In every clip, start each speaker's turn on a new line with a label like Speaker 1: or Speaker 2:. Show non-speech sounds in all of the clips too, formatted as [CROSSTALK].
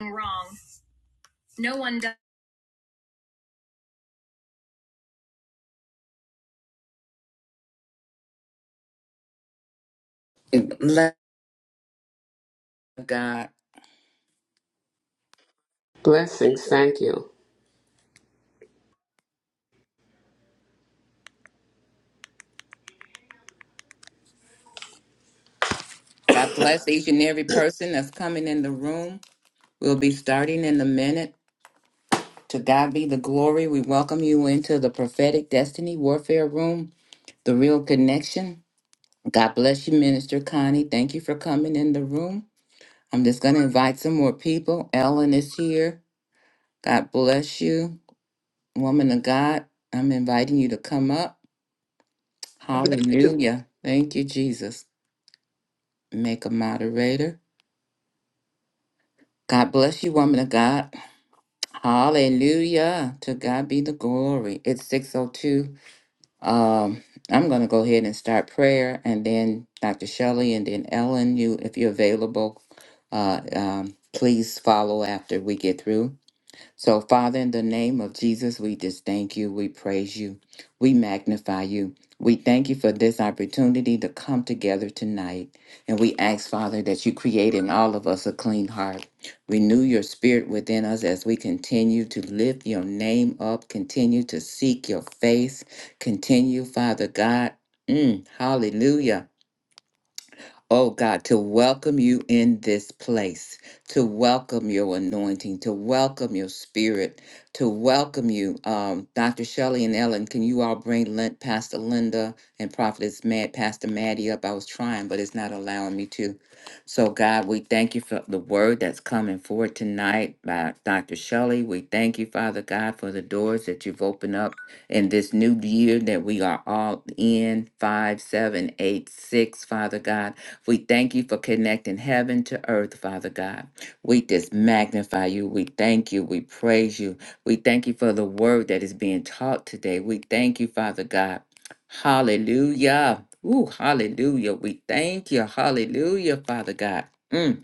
Speaker 1: wrong. No one does. Love God.
Speaker 2: Blessings. Thank you.
Speaker 1: God bless each and every person that's coming in the room. We'll be starting in a minute. To God be the glory. We welcome you into the prophetic destiny warfare room, the real connection. God bless you, Minister Connie. Thank you for coming in the room. I'm just going to invite some more people. Ellen is here. God bless you, woman of God. I'm inviting you to come up.
Speaker 3: I bless you. too.
Speaker 1: Hallelujah. Thank you, Jesus. Make a moderator. God bless you, woman of God. Hallelujah. To God be the glory. It's 602. Um, I'm going to go ahead and start prayer and then Dr. Shelley and then Ellen, you if you're available, uh, um, please follow after we get through. So, Father, in the name of Jesus, we just thank you. We praise you. We magnify you. We thank you for this opportunity to come together tonight. And we ask, Father, that you create in all of us a clean heart. Renew your spirit within us as we continue to lift your name up, continue to seek your face, continue, Father God. Mm, hallelujah Oh God, to welcome you in this place, to welcome your anointing, to welcome your spirit, to welcome you. Um, Dr. Shelley and Ellen, can you all bring Lin- Pastor Linda and Prophetess Mad, Pastor Maddie up? I was trying, but it's not allowing me to. So, God, we thank you for the word that's coming forward tonight by Dr. Shelley. We thank you, Father God, for the doors that you've opened up in this new year that we are all in five, seven, eight, six, Father God. We thank you for connecting heaven to earth, Father God. We just magnify you. We thank you. We praise you. We thank you for the word that is being taught today. We thank you, Father God. Hallelujah. Ooh, hallelujah. We thank you. Hallelujah, Father God. Mm,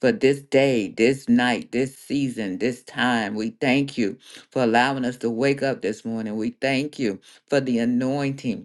Speaker 1: For this day, this night, this season, this time, we thank you for allowing us to wake up this morning. We thank you for the anointing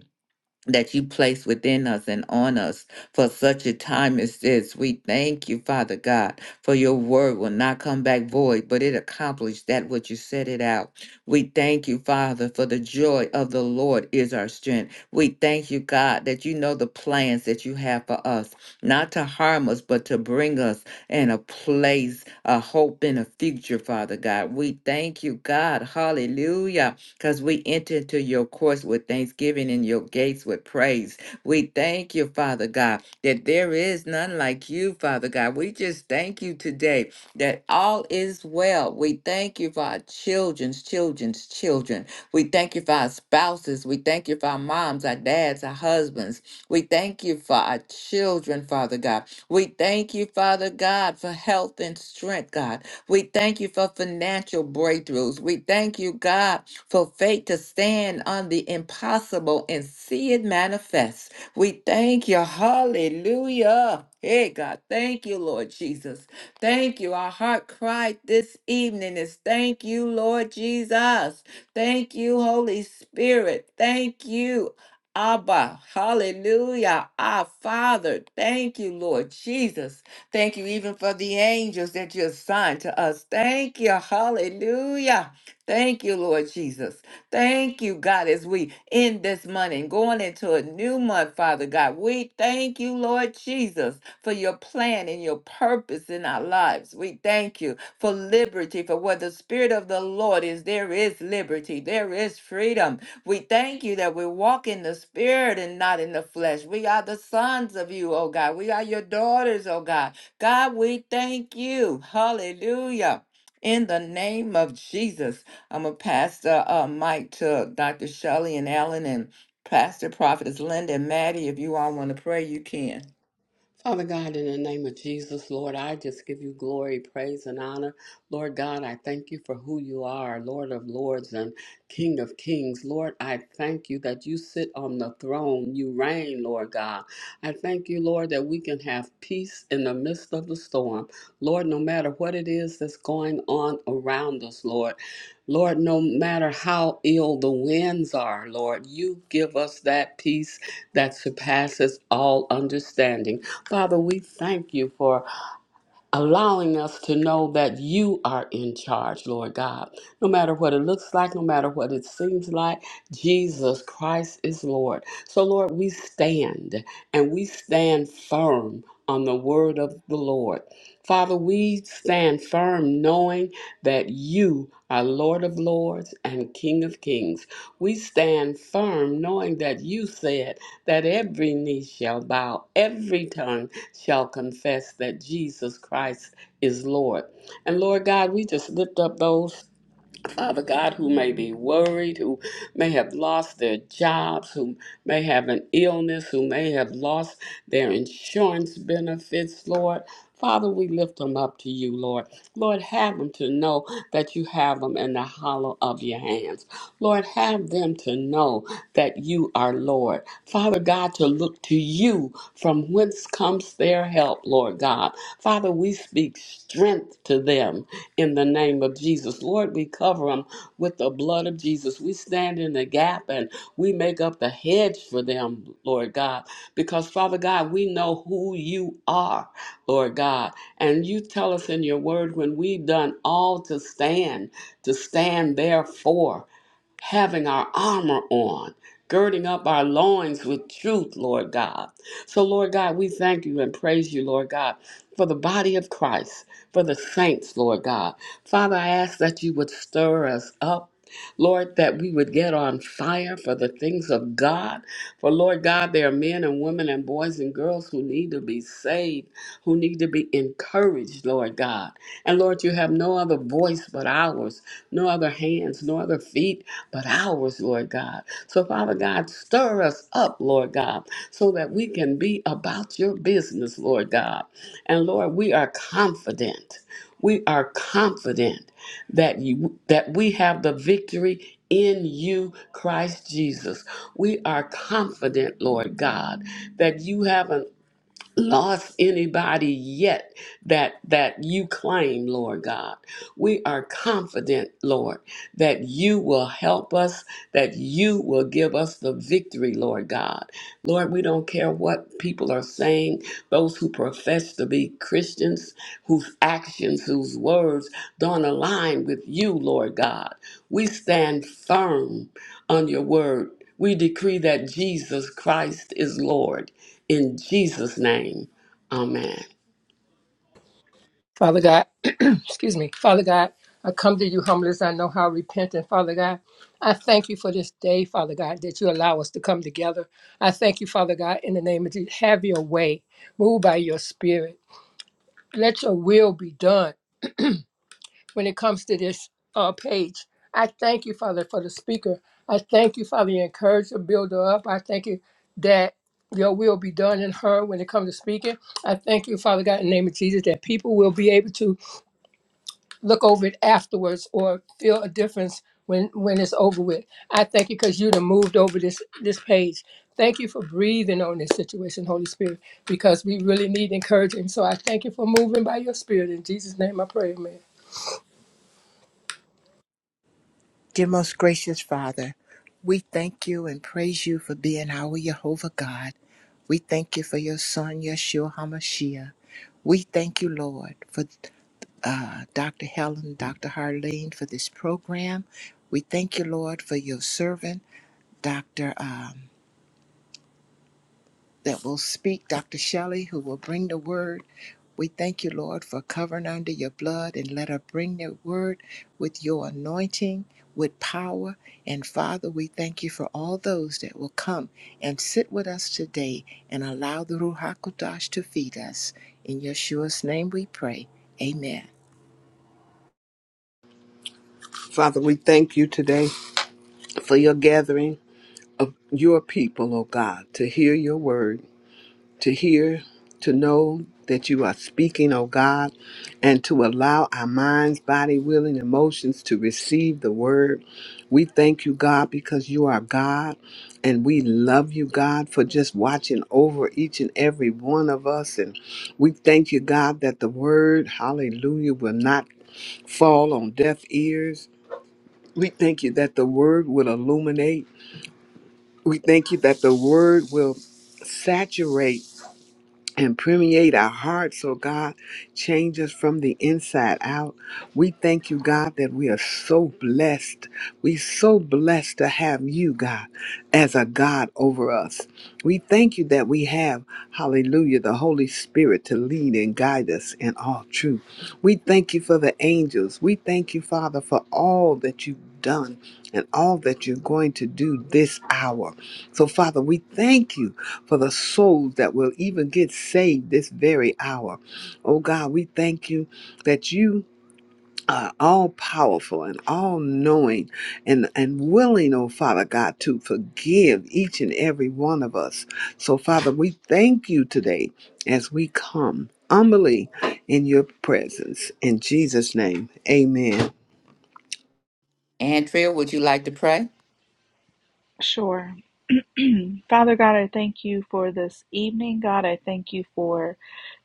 Speaker 1: that you place within us and on us for such a time as this. We thank you, Father God, for your word will not come back void, but it accomplished that which you set it out. We thank you, Father, for the joy of the Lord is our strength. We thank you, God, that you know the plans that you have for us, not to harm us, but to bring us in a place, a hope in a future, Father God. We thank you, God. Hallelujah because we enter into your courts with thanksgiving and your gates with praise. We thank you, Father God, that there is none like you, Father God. We just thank you today that all is well. We thank you for our children's children's children. We thank you for our spouses. We thank you for our moms, our dads, our husbands. We thank you for our children, Father God. We thank you, Father God, for health and strength, God. We thank you for financial breakthroughs. We thank you, God, for faith to stand on the impossible and see it manifest. We thank you. Hallelujah. Hey, God, thank you, Lord Jesus. Thank you. Our heart cried this evening is thank you, Lord Jesus. Thank you, Holy Spirit. Thank you. Abba, hallelujah, our Father, thank you, Lord Jesus. Thank you even for the angels that you assigned to us. Thank you, hallelujah. Thank you, Lord Jesus. Thank you, God, as we end this month and going into a new month, Father God. We thank you, Lord Jesus, for your plan and your purpose in our lives. We thank you for liberty, for where the Spirit of the Lord is, there is liberty, there is freedom. We thank you that we walk in the Spirit and not in the flesh. We are the sons of you, oh God. We are your daughters, oh God. God, we thank you. Hallelujah. In the name of Jesus. I'm gonna pass the uh, mic to Dr. Shelley and Alan, and Pastor Prophetess Linda and Maddie. If you all want to pray, you can.
Speaker 2: Father God, in the name of Jesus, Lord, I just give you glory, praise, and honor. Lord God, I thank you for who you are, Lord of lords and King of kings. Lord, I thank you that you sit on the throne. You reign, Lord God. I thank you, Lord, that we can have peace in the midst of the storm. Lord, no matter what it is that's going on around us, Lord, Lord, no matter how ill the winds are, Lord, you give us that peace that surpasses all understanding. Father, we thank you for allowing us to know that you are in charge, Lord God. No matter what it looks like, no matter what it seems like, Jesus Christ is Lord. So, Lord, we stand and we stand firm on the word of the Lord. Father, we stand firm knowing that you are Lord of Lords and King of Kings. We stand firm knowing that you said that every knee shall bow, every tongue shall confess that Jesus Christ is Lord. And Lord God, we just lift up those Father God, who may be worried, who may have lost their jobs, who may have an illness, who may have lost their insurance benefits, Lord. Father, we lift them up to you, Lord. Lord, have them to know that you have them in the hollow of your hands. Lord, have them to know that you are Lord. Father, Father God, to look to you from whence comes their help, Lord God. Father, we speak strength to them in the name of Jesus. Lord, we cover them with the blood of Jesus. We stand in the gap and we make up the hedge for them, Lord God, because Father God, we know who you are, Lord God. And you tell us in your word when we've done all to stand, to stand therefore having our armor on, girding up our loins with truth, Lord God. So, Lord God, we thank you and praise you, Lord God, for the body of Christ, for the saints, Lord God. Father, I ask that you would stir us up. Lord, that we would get on fire for the things of God. For Lord God, there are men and women and boys and girls who need to be saved, who need to be encouraged, Lord God. And Lord, you have no other voice but ours, no other hands, no other feet, but ours, Lord God. So, Father God, stir us up, Lord God, so that we can be about your business, Lord God. And Lord, we are confident. We are confident that you that we have the victory in you, Christ Jesus. We are confident, Lord God, that you have an lost anybody yet that that you claim lord god we are confident lord that you will help us that you will give us the victory lord god lord we don't care what people are saying those who profess to be Christians, whose actions, whose words don't align with you, Lord God. We stand firm on your word. We decree that Jesus Christ is Lord. In Jesus' name, amen.
Speaker 3: Father God, [CLEARS THROAT] excuse me. Father God, I come to you humble as I know how repentant. Father God, I thank you for this day, Father God, that you allow us to come together. I thank you, Father God, in the name of Jesus. Have your way. Move by your spirit. Let your will be done when it comes to this uh, page. I thank you, Father, for the speaker. I thank you, Father, you encourage the builder up. I thank you that your will be done in her when it comes to speaking. I thank you, Father God, in the name of Jesus, that people will be able to look over it afterwards or feel a difference when when it's over with. I thank you because you'd have moved over this this page. Thank you for breathing on this situation, Holy Spirit, because we really need encouragement. So I thank you for moving by your spirit. In Jesus' name I pray, amen.
Speaker 4: Dear most gracious Father, we thank you and praise you for being our Jehovah God. We thank you for your son, Yeshua HaMashiach. We thank you, Lord, for uh, Dr. Helen, Dr. Harlene for this program. We thank you, Lord, for your servant, Dr that will speak, Dr. Shelley, who will bring the word. We thank you, Lord, for covering under your blood and let her bring the word with your anointing, with power. And Father, we thank you for all those that will come and sit with us today and allow the Ruach HaKodesh to feed us. In Yeshua's name we pray. Amen.
Speaker 5: Father, we thank you today for your gathering of your people, O God, to hear your word, to hear, to know that you are speaking, O God, and to allow our minds, body, will, and emotions to receive the word. We thank you, God, because you are God, and we love you, God, for just watching over each and every one of us. And we thank you, God, that the word, hallelujah, will not fall on deaf ears we thank you that the word will illuminate. We thank you that the word will saturate and permeate our hearts, oh God. Change us from the inside out. We thank you, God, that we are so blessed. We so blessed to have you, God, as a God over us. We thank you that we have, hallelujah, the Holy Spirit to lead and guide us in all truth. We thank you for the angels. We thank you, Father, for all that you've done and all that you're going to do this hour. So, Father, we thank you for the souls that will even get saved this very hour. Oh God, we thank you that you are all powerful and all knowing and, and willing, oh Father God, to forgive each and every one of us. So, Father, we thank you today as we come humbly in your presence. In Jesus' name, amen.
Speaker 1: Andrea, would you like to pray?
Speaker 6: Sure. Father God, I thank you for this evening. God, I thank you for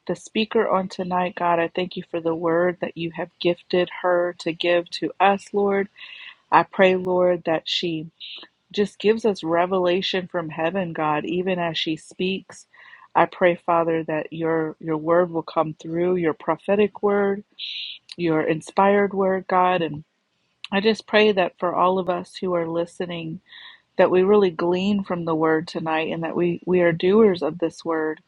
Speaker 6: the speaker on tonight. God, I thank you for the word that you have gifted her to give to us, Lord. I pray, Lord, that she just gives us revelation from heaven, God, even as she speaks. I pray, Father, that your your word will come through, your prophetic word, your inspired word, God, and I just pray that for all of us who are listening that we really glean from the word tonight and that we we are doers of this word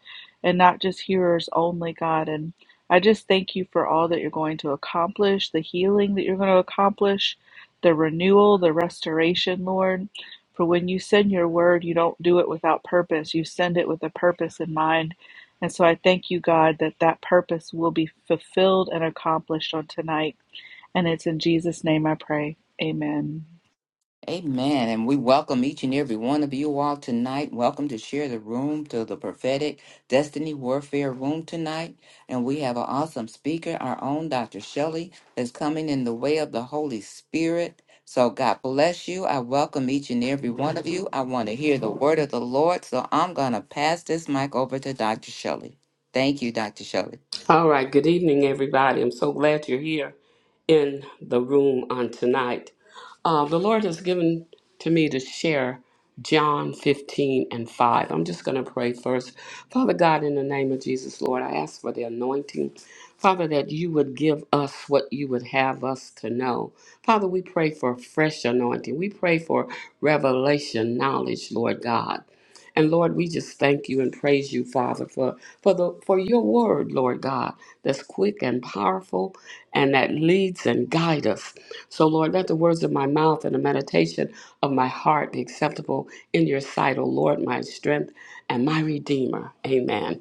Speaker 6: and not just hearers only god and i just thank you for all that you're going to accomplish the healing that you're going to accomplish the renewal the restoration lord for when you send your word you don't do it without purpose you send it with a purpose in mind and so i thank you god that that purpose will be fulfilled and accomplished on tonight and it's in jesus name i pray amen
Speaker 1: Amen. And we welcome each and every one of you all tonight. Welcome to share the room to the prophetic destiny warfare room tonight. And we have an awesome speaker, our own Dr. Shelley, that's coming in the way of the Holy Spirit. So God bless you. I welcome each and every one of you. I want to hear the word of the Lord. So I'm going to pass this mic over to Dr. Shelley. Thank you, Dr. Shelley.
Speaker 2: All right, good evening, everybody. I'm so glad you're here in the room on tonight. Uh, the Lord has given to me to share John 15 and 5. I'm just going to pray first. Father God, in the name of Jesus, Lord, I ask for the anointing. Father, that you would give us what you would have us to know. Father, we pray for fresh anointing. We pray for revelation knowledge, Lord God. And Lord, we just thank you and praise you, Father, for for the for your word, Lord God, that's quick and powerful and that leads and guides us. So Lord, let the words of my mouth and the meditation of my heart be acceptable in your sight, O Lord, my strength and my redeemer. Amen.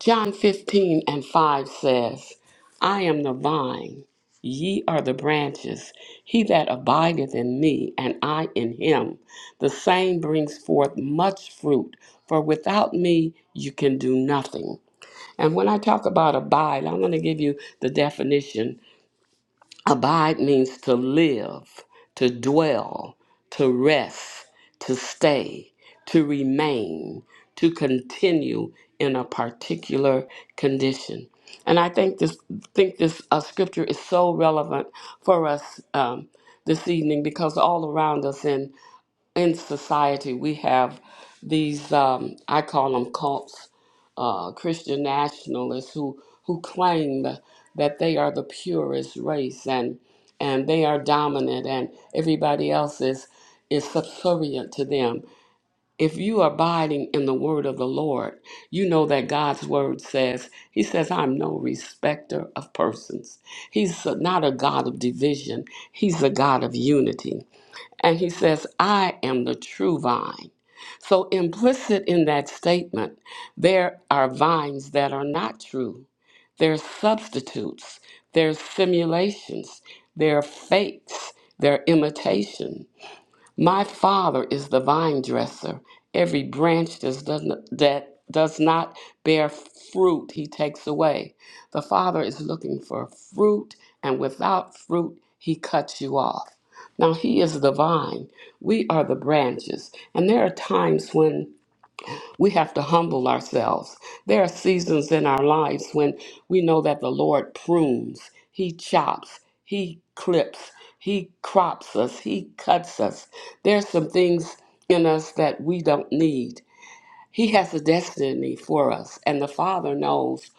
Speaker 2: John 15 and 5 says, I am the vine, ye are the branches. He that abideth in me, and I in him, the same brings forth much fruit, for without me you can do nothing. And when I talk about abide, I'm going to give you the definition Abide means to live, to dwell, to rest, to stay, to remain, to continue in a particular condition. And I think this think this uh, scripture is so relevant for us um, this evening because all around us in in society we have these um, I call them cults, uh, Christian nationalists who who claim that they are the purest race and and they are dominant and everybody else is is subservient to them. If you are abiding in the word of the Lord, you know that God's word says, He says, I'm no respecter of persons. He's not a God of division, He's a God of unity. And he says, I am the true vine. So, implicit in that statement, there are vines that are not true. They're substitutes, they're simulations, they're fakes, they're imitations. My Father is the vine dresser. Every branch that does n- that does not bear fruit, he takes away. The Father is looking for fruit, and without fruit, he cuts you off. Now, he is the vine. We are the branches. And there are times when we have to humble ourselves. There are seasons in our lives when we know that the Lord prunes, He chops, He clips, He crops us, He cuts us. There's some things in us that we don't need. He has a destiny for us, and the Father knows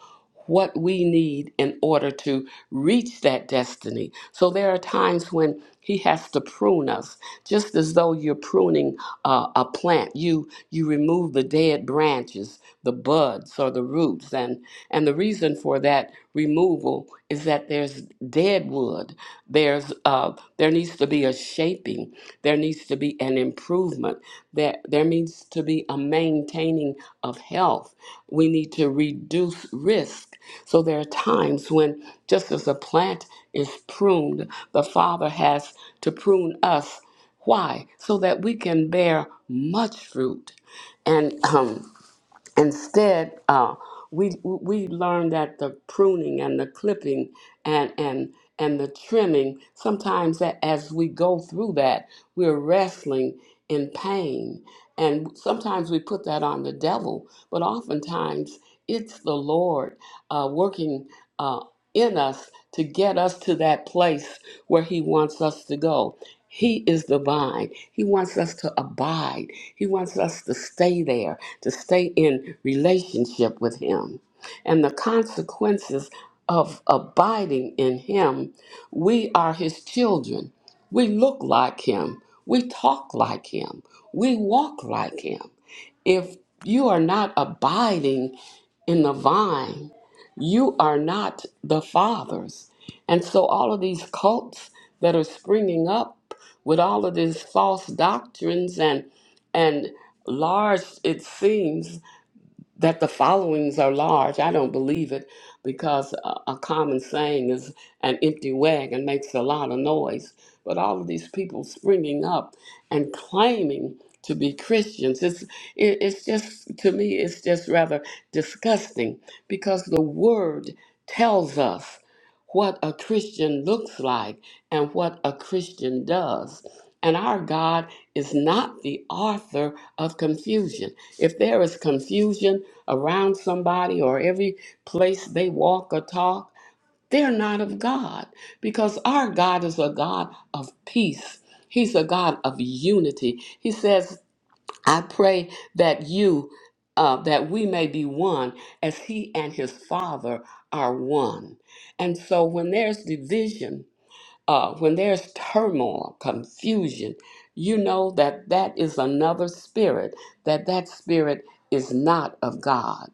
Speaker 2: what we need in order to reach that destiny. So there are times when He has to prune us, just as though you're pruning uh, a plant. You you remove the dead branches, the buds or the roots, and and the reason for that removal is that there's dead wood, there's uh, up. There needs to be a shaping. There needs to be an improvement. There, there needs to be a maintaining of health. We need to reduce risk. So there are times when, just as a plant is pruned, the Father has to prune us. Why? So that we can bear much fruit. And um, instead uh, we we learn that the pruning and the clipping and and and the trimming sometimes that as we go through that we're wrestling in pain and sometimes we put that on the devil but oftentimes it's the lord uh, working uh, in us to get us to that place where he wants us to go he is the vine. He wants us to abide. He wants us to stay there, to stay in relationship with Him. And the consequences of abiding in Him, we are His children. We look like Him. We talk like Him. We walk like Him. If you are not abiding in the vine, you are not the Father's. And so all of these cults that are springing up with all of these false doctrines and and large it seems that the followings are large. I don't believe it because a, a common saying is an empty wagon makes a lot of noise. But all of these people springing up and claiming to be Christians, it's, it, it's just, to me, it's just rather disgusting because the word tells us what a Christian looks like and what a Christian does. And our God is not the author of confusion. If there is confusion, around somebody or every place they walk or talk, they're not of God because our God is a God of peace. He's a God of unity. He says, I pray that you, uh, that we may be one as he and his Father are one. And so when there's division, uh, when there's turmoil, confusion, you know that that is another spirit, that that spirit is not of God.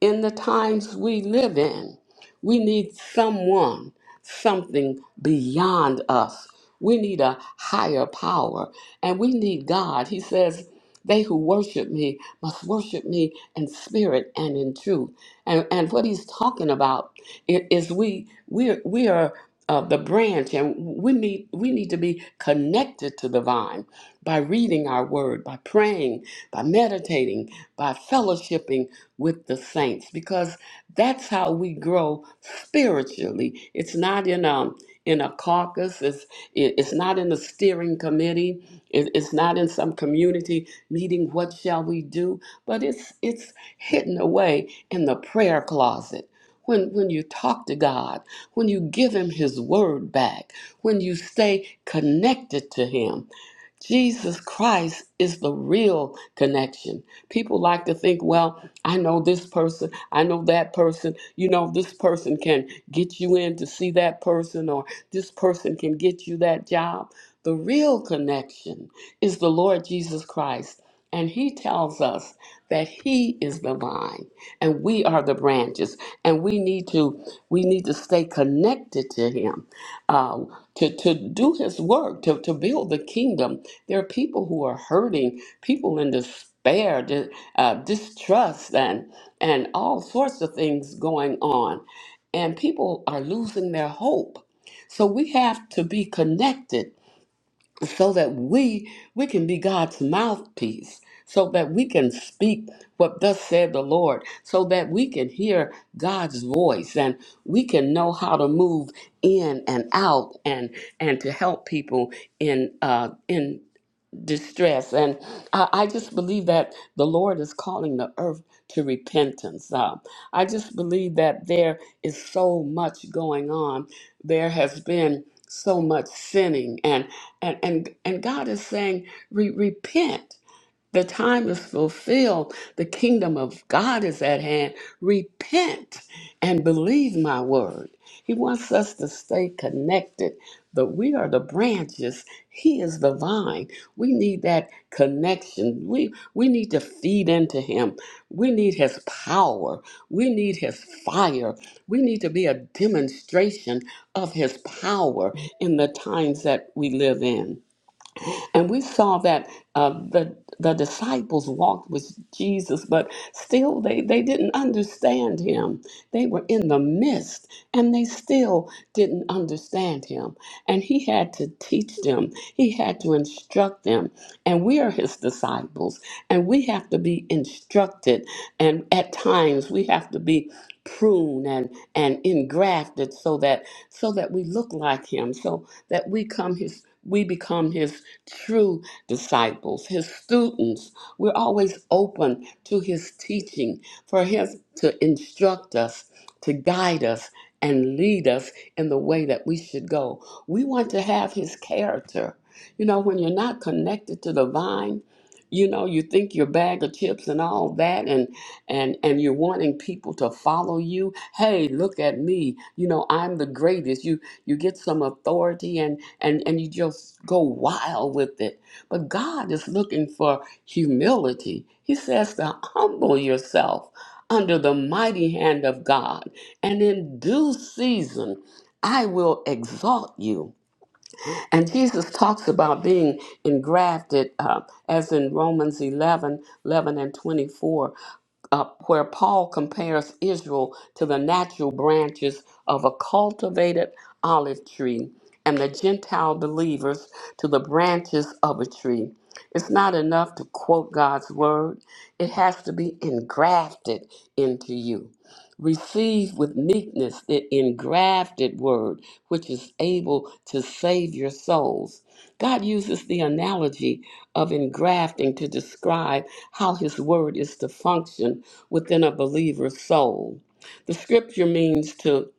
Speaker 2: In the times we live in, we need someone, something beyond us. We need a higher power, and we need God. He says, they who worship me must worship me in spirit and in truth. And, and what he's talking about i- is we we we are uh, the branch, and we need we need to be connected to the vine by reading our word, by praying, by meditating, by fellowshipping with the saints, because that's how we grow spiritually. It's not in a in a caucus. It's it- it's not in a steering committee. It, it's not in some community meeting. What shall we do? But it's it's hidden away in the prayer closet. When when you talk to God when you give Him His word back, when you stay connected to Him, Jesus Christ is the real connection. People like to think, well, I know this person, I know that person, you know, this person can get you in to see that person, or this person can get you that job. The real connection is the Lord Jesus Christ. And he tells us that he is the vine and we are the branches and we need to we need to stay connected to him um, to, to do his work, to, to build the kingdom. There are people who are hurting, people in despair, di- uh, distrust, and, and all sorts of things going on. And people are losing their hope. So we have to be connected so that we we can be God's mouthpiece so that we can speak what thus said the Lord so that we can hear God's voice and we can know how to move in and out and and to help people in uh in distress. And I, I just believe that the Lord is calling the earth to repentance. Uh, I just believe that there is so much going on. There has been so much sinning, and and and, and God is saying, Re- repent. The time is fulfilled. The kingdom of God is at hand. Repent and believe my word. He wants us to stay connected, but we are the branches. He is the vine. We need that connection. We, we need to feed into Him. We need His power. We need His fire. We need to be a demonstration of His power in the times that we live in. And we saw that uh, the the disciples walked with Jesus, but still they, they didn't understand him. They were in the midst and they still didn't understand him. And he had to teach them, he had to instruct them. And we are his disciples and we have to be instructed. And at times we have to be pruned and, and engrafted so that so that we look like him, so that we come his we become his true disciples, his students. We're always open to his teaching, for him to instruct us, to guide us, and lead us in the way that we should go. We want to have his character. You know, when you're not connected to the vine, you know, you think your bag of chips and all that, and and and you're wanting people to follow you. Hey, look at me! You know, I'm the greatest. You you get some authority, and and and you just go wild with it. But God is looking for humility. He says to humble yourself under the mighty hand of God, and in due season I will exalt you. And Jesus talks about being engrafted, uh, as in Romans 11, 11 and 24 uh, where Paul compares Israel to the natural branches of a cultivated olive tree and the Gentile believers to the branches of a tree. It's not enough to quote God's word, it has to be engrafted into you. Receive with meekness the engrafted word, which is able to save your souls. God uses the analogy of engrafting to describe how his word is to function within a believer's soul. The scripture means to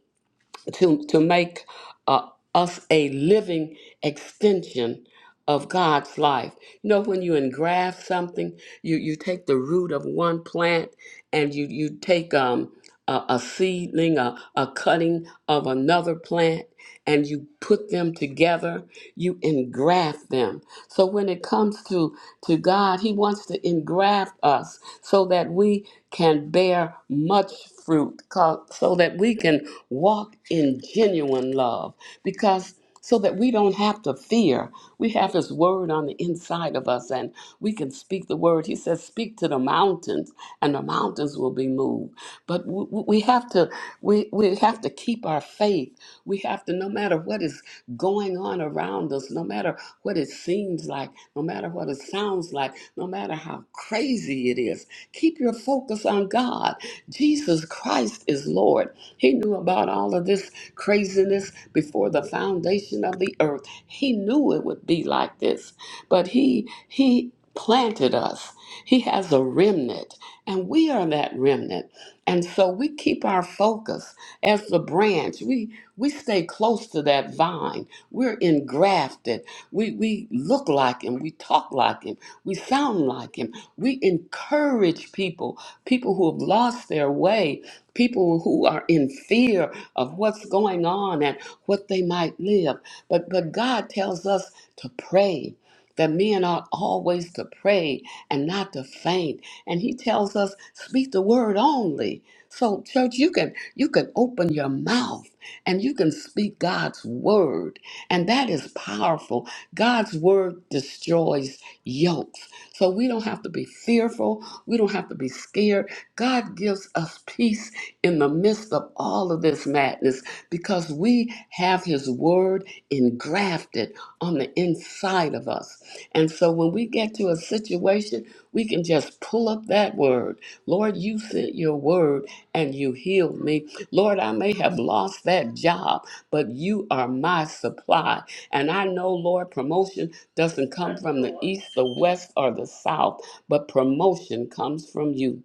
Speaker 2: to to make uh, us a living extension of God's life. You know, when you engraft something, you you take the root of one plant and you you take um. A, a seedling, a, a cutting of another plant, and you put them together, you engraft them. So when it comes to to God, He wants to engraft us so that we can bear much fruit, co- so that we can walk in genuine love, because so that we don't have to fear. We have His Word on the inside of us, and we can speak the Word. He says, "Speak to the mountains, and the mountains will be moved." But w- w- we have to we we have to keep our faith. We have to, no matter what is going on around us, no matter what it seems like, no matter what it sounds like, no matter how crazy it is. Keep your focus on God. Jesus Christ is Lord. He knew about all of this craziness before the foundation of the earth. He knew it would be like this but he he planted us. He has a remnant, and we are that remnant. And so we keep our focus as the branch. We we stay close to that vine. We're engrafted. We we look like him. We talk like him. We sound like him. We encourage people, people who have lost their way, people who are in fear of what's going on and what they might live. But but God tells us to pray that men ought always to pray and not to faint. And he tells us, speak the word only. So, church, you can you can open your mouth and you can speak God's word. And that is powerful. God's word destroys yokes. So we don't have to be fearful. We don't have to be scared. God gives us peace in the midst of all of this madness because we have his word engrafted on the inside of us. And so when we get to a situation, we can just pull up that word. Lord, you sent your word and you healed me. Lord, I may have lost that job, but you are my supply. And I know, Lord, promotion doesn't come from the east, the west, or the south, but promotion comes from you.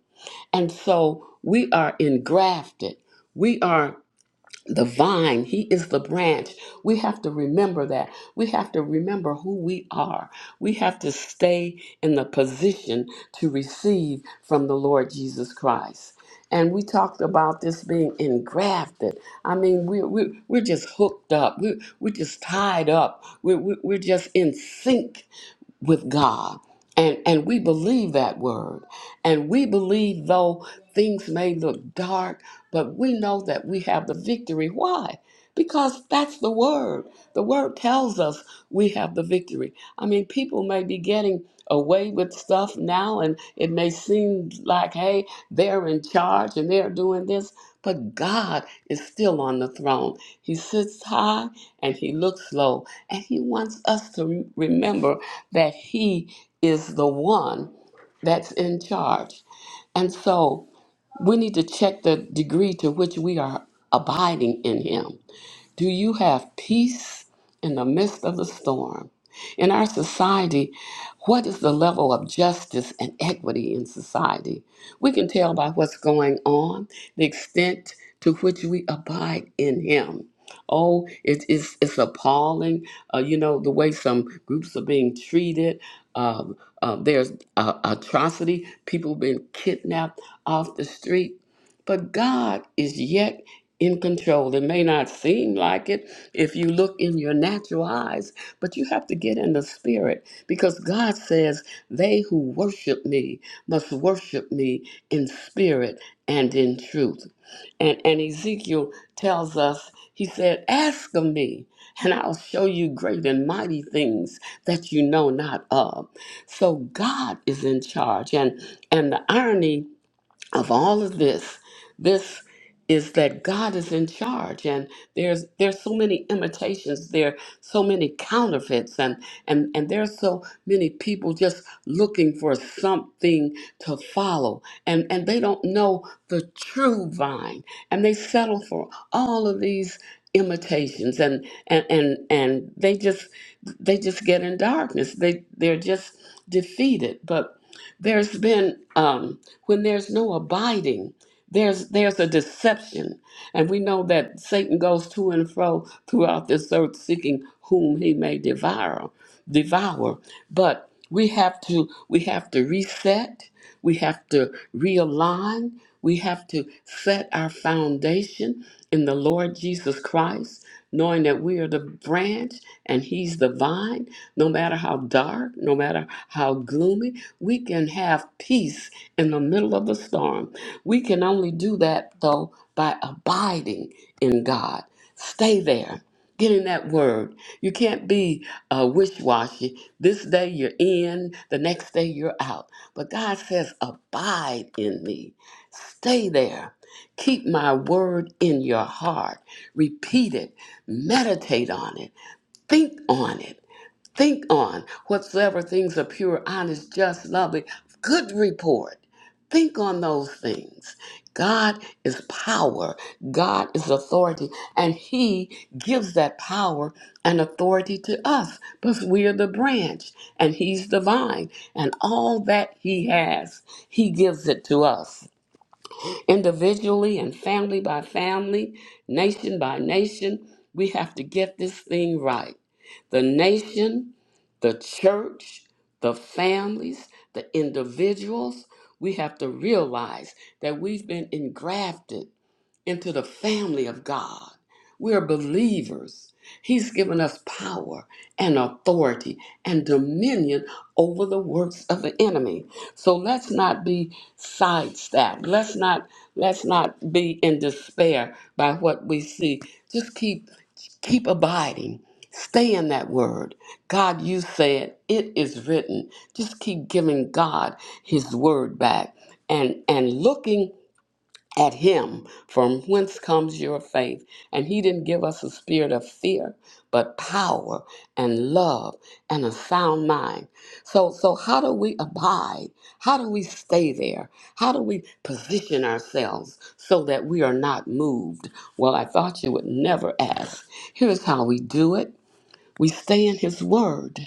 Speaker 2: And so we are engrafted. We are the vine, he is the branch. We have to remember that. We have to remember who we are. We have to stay in the position to receive from the Lord Jesus Christ. And we talked about this being engrafted. I mean, we're, we're, we're just hooked up. We're, we're just tied up. We're, we're we're just in sync with God. And, and we believe that word. And we believe, though things may look dark, but we know that we have the victory. Why? Because that's the word. The word tells us we have the victory. I mean, people may be getting away with stuff now, and it may seem like, hey, they're in charge and they're doing this, but God is still on the throne. He sits high and he looks low, and he wants us to remember that He is the one that's in charge. And so we need to check the degree to which we are abiding in Him. Do you have peace in the midst of the storm? In our society, what is the level of justice and equity in society? We can tell by what's going on, the extent to which we abide in Him. Oh, it, it's, it's appalling, uh, you know, the way some groups are being treated. Um, uh, there's uh, atrocity, people being kidnapped off the street. But God is yet in control. It may not seem like it if you look in your natural eyes, but you have to get in the spirit because God says, They who worship me must worship me in spirit and in truth. And, and Ezekiel tells us, He said, Ask of me. And I'll show you great and mighty things that you know not of. So God is in charge. And and the irony of all of this this is that god is in charge and there's there's so many imitations there are so many counterfeits and and and there's so many people just looking for something to follow and and they don't know the true vine and they settle for all of these imitations and and and, and they just they just get in darkness they they're just defeated but there's been um, when there's no abiding there's there's a deception and we know that satan goes to and fro throughout this earth seeking whom he may devour devour but we have to we have to reset we have to realign we have to set our foundation in the lord jesus christ knowing that we are the branch and he's the vine no matter how dark no matter how gloomy we can have peace in the middle of the storm. We can only do that, though, by abiding in God. Stay there. Get in that word. You can't be uh, wish washy. This day you're in, the next day you're out. But God says, Abide in me. Stay there. Keep my word in your heart. Repeat it. Meditate on it. Think on it. Think on whatsoever things are pure, honest, just, lovely, good report. Think on those things. God is power, God is authority, and He gives that power and authority to us because we are the branch and He's the vine, and all that He has, He gives it to us individually and family by family, nation by nation. We have to get this thing right. The nation, the church, the families, the individuals, we have to realize that we've been engrafted into the family of God. We're believers. He's given us power and authority and dominion over the works of the enemy. So let's not be sidestepped. Let's not let's not be in despair by what we see. Just keep keep abiding. Stay in that word. God, you said it is written. Just keep giving God his word back and and looking at him from whence comes your faith and he didn't give us a spirit of fear but power and love and a sound mind so so how do we abide how do we stay there how do we position ourselves so that we are not moved well i thought you would never ask here's how we do it we stay in His Word.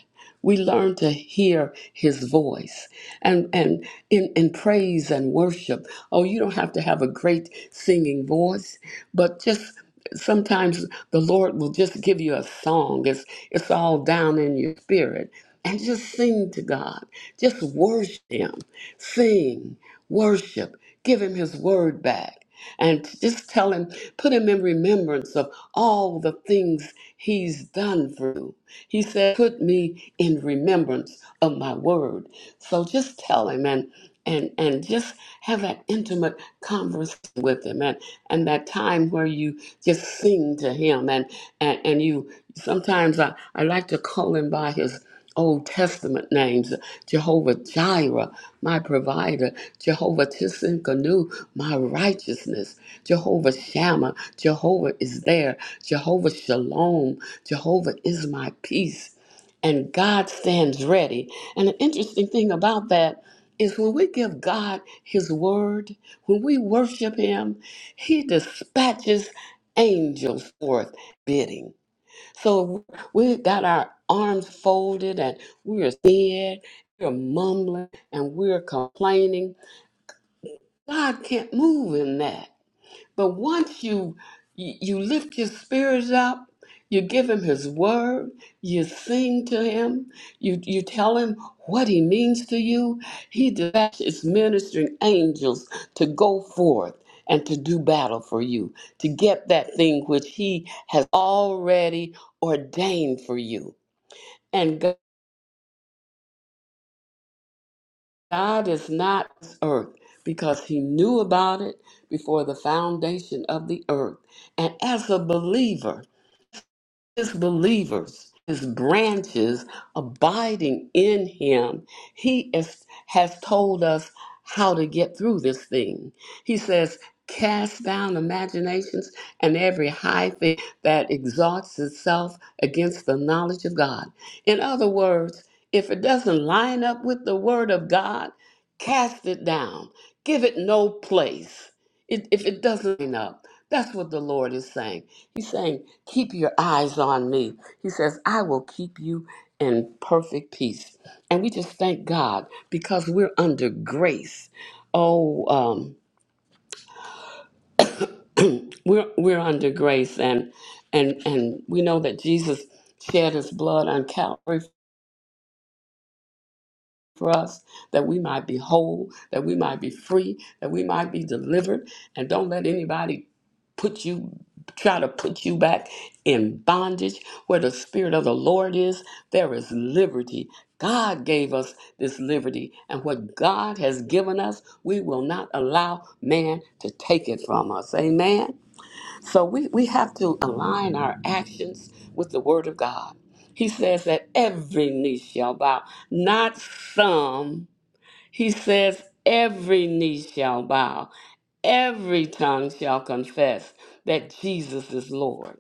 Speaker 2: We learn to hear His voice and, and in, in praise and worship. Oh, you don't have to have a great singing voice, but just sometimes the Lord will just give you a song. It's, it's all down in your spirit. And just sing to God. Just worship Him. Sing, worship, give Him His Word back and just tell him, put him in remembrance of all the things he's done for you. He said, put me in remembrance of my word. So just tell him. And and and just have that intimate conversation with him and and that time where you just sing to him and and, and you sometimes I, I like to call him by his Old Testament names, Jehovah Jireh, my provider, Jehovah Tissinkanu, my righteousness, Jehovah Shammah, Jehovah is there, Jehovah Shalom, Jehovah is my peace, and God stands ready. And the interesting thing about that is when we give God His word, when we worship Him, He dispatches angels forth bidding. So we've got our arms folded and we're scared, we're mumbling, and we're complaining. God can't move in that. But once you you you lift your spirits up, you give him his word, you sing to him, you you tell him what he means to you, he dispatches ministering angels to go forth and to do battle for you, to get that thing which he has already ordained for you. And God is not this earth because he knew about it before the foundation of the earth. And as a believer, his believers, his branches abiding in him, he is, has told us how to get through this thing. He says, Cast down imaginations and every high thing that exalts itself against the knowledge of God. In other words, if it doesn't line up with the word of God, cast it down, give it no place. It, if it doesn't line up, that's what the Lord is saying. He's saying, Keep your eyes on me. He says, I will keep you in perfect peace. And we just thank God because we're under grace. Oh, um, we're we're under grace and and and we know that Jesus shed his blood on Calvary for us that we might be whole, that we might be free, that we might be delivered. And don't let anybody put you, try to put you back in bondage. Where the Spirit of the Lord is, there is liberty. God gave us this liberty, and what God has given us, we will not allow man to take it from us. Amen. So we, we have to align our actions with the Word of God. He says that every knee shall bow, not some. He says every knee shall bow, every tongue shall confess that Jesus is Lord.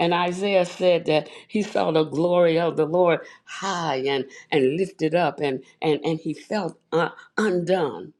Speaker 2: And Isaiah said that he saw the glory of the Lord high and, and lifted up, and, and, and he felt uh, undone.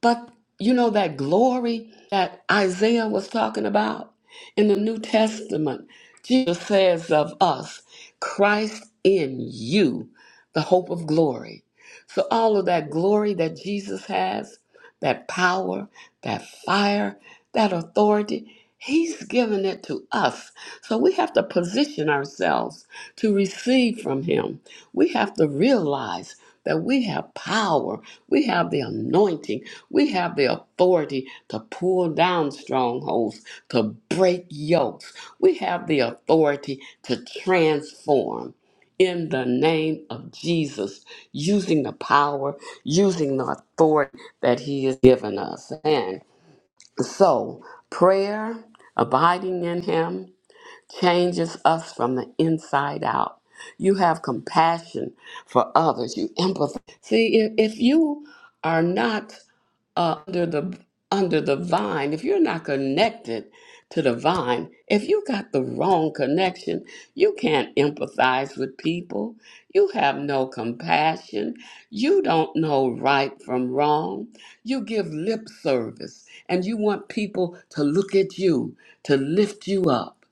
Speaker 2: But you know that glory that Isaiah was talking about in the New Testament, Jesus says of us, Christ in you, the hope of glory. So all of that glory that Jesus has, that power, that fire, that authority, he's given it to us. So we have to position ourselves to receive from him. We have to realize that we have power, we have the anointing, we have the authority to pull down strongholds, to break yokes, we have the authority to transform. In the name of Jesus, using the power, using the authority that He has given us. And so, prayer, abiding in Him, changes us from the inside out. You have compassion for others. You empathize. See, if, if you are not uh, under the under the vine, if you're not connected to the vine, if you got the wrong connection, you can't empathize with people. You have no compassion. You don't know right from wrong. You give lip service, and you want people to look at you to lift you up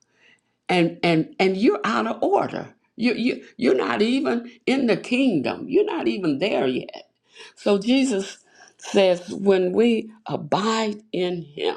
Speaker 2: and and and you're out of order. You you you're not even in the kingdom. You're not even there yet. So Jesus says, when we abide in Him.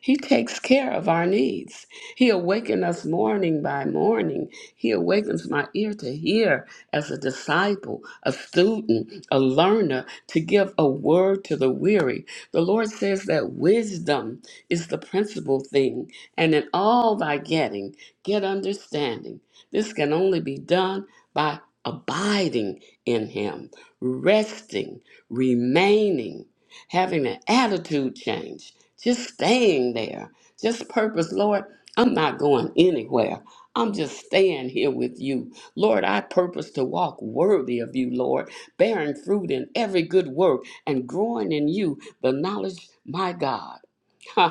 Speaker 2: He takes care of our needs. He awakens us morning by morning. He awakens my ear to hear as a disciple, a student, a learner, to give a word to the weary. The Lord says that wisdom is the principal thing, and in all thy getting, get understanding. This can only be done by abiding in Him, resting, remaining, having an attitude change just staying there, just purpose. Lord, I'm not going anywhere. I'm just staying here with you. Lord, I purpose to walk worthy of you, Lord, bearing fruit in every good work and growing in you the knowledge, my God. [LAUGHS]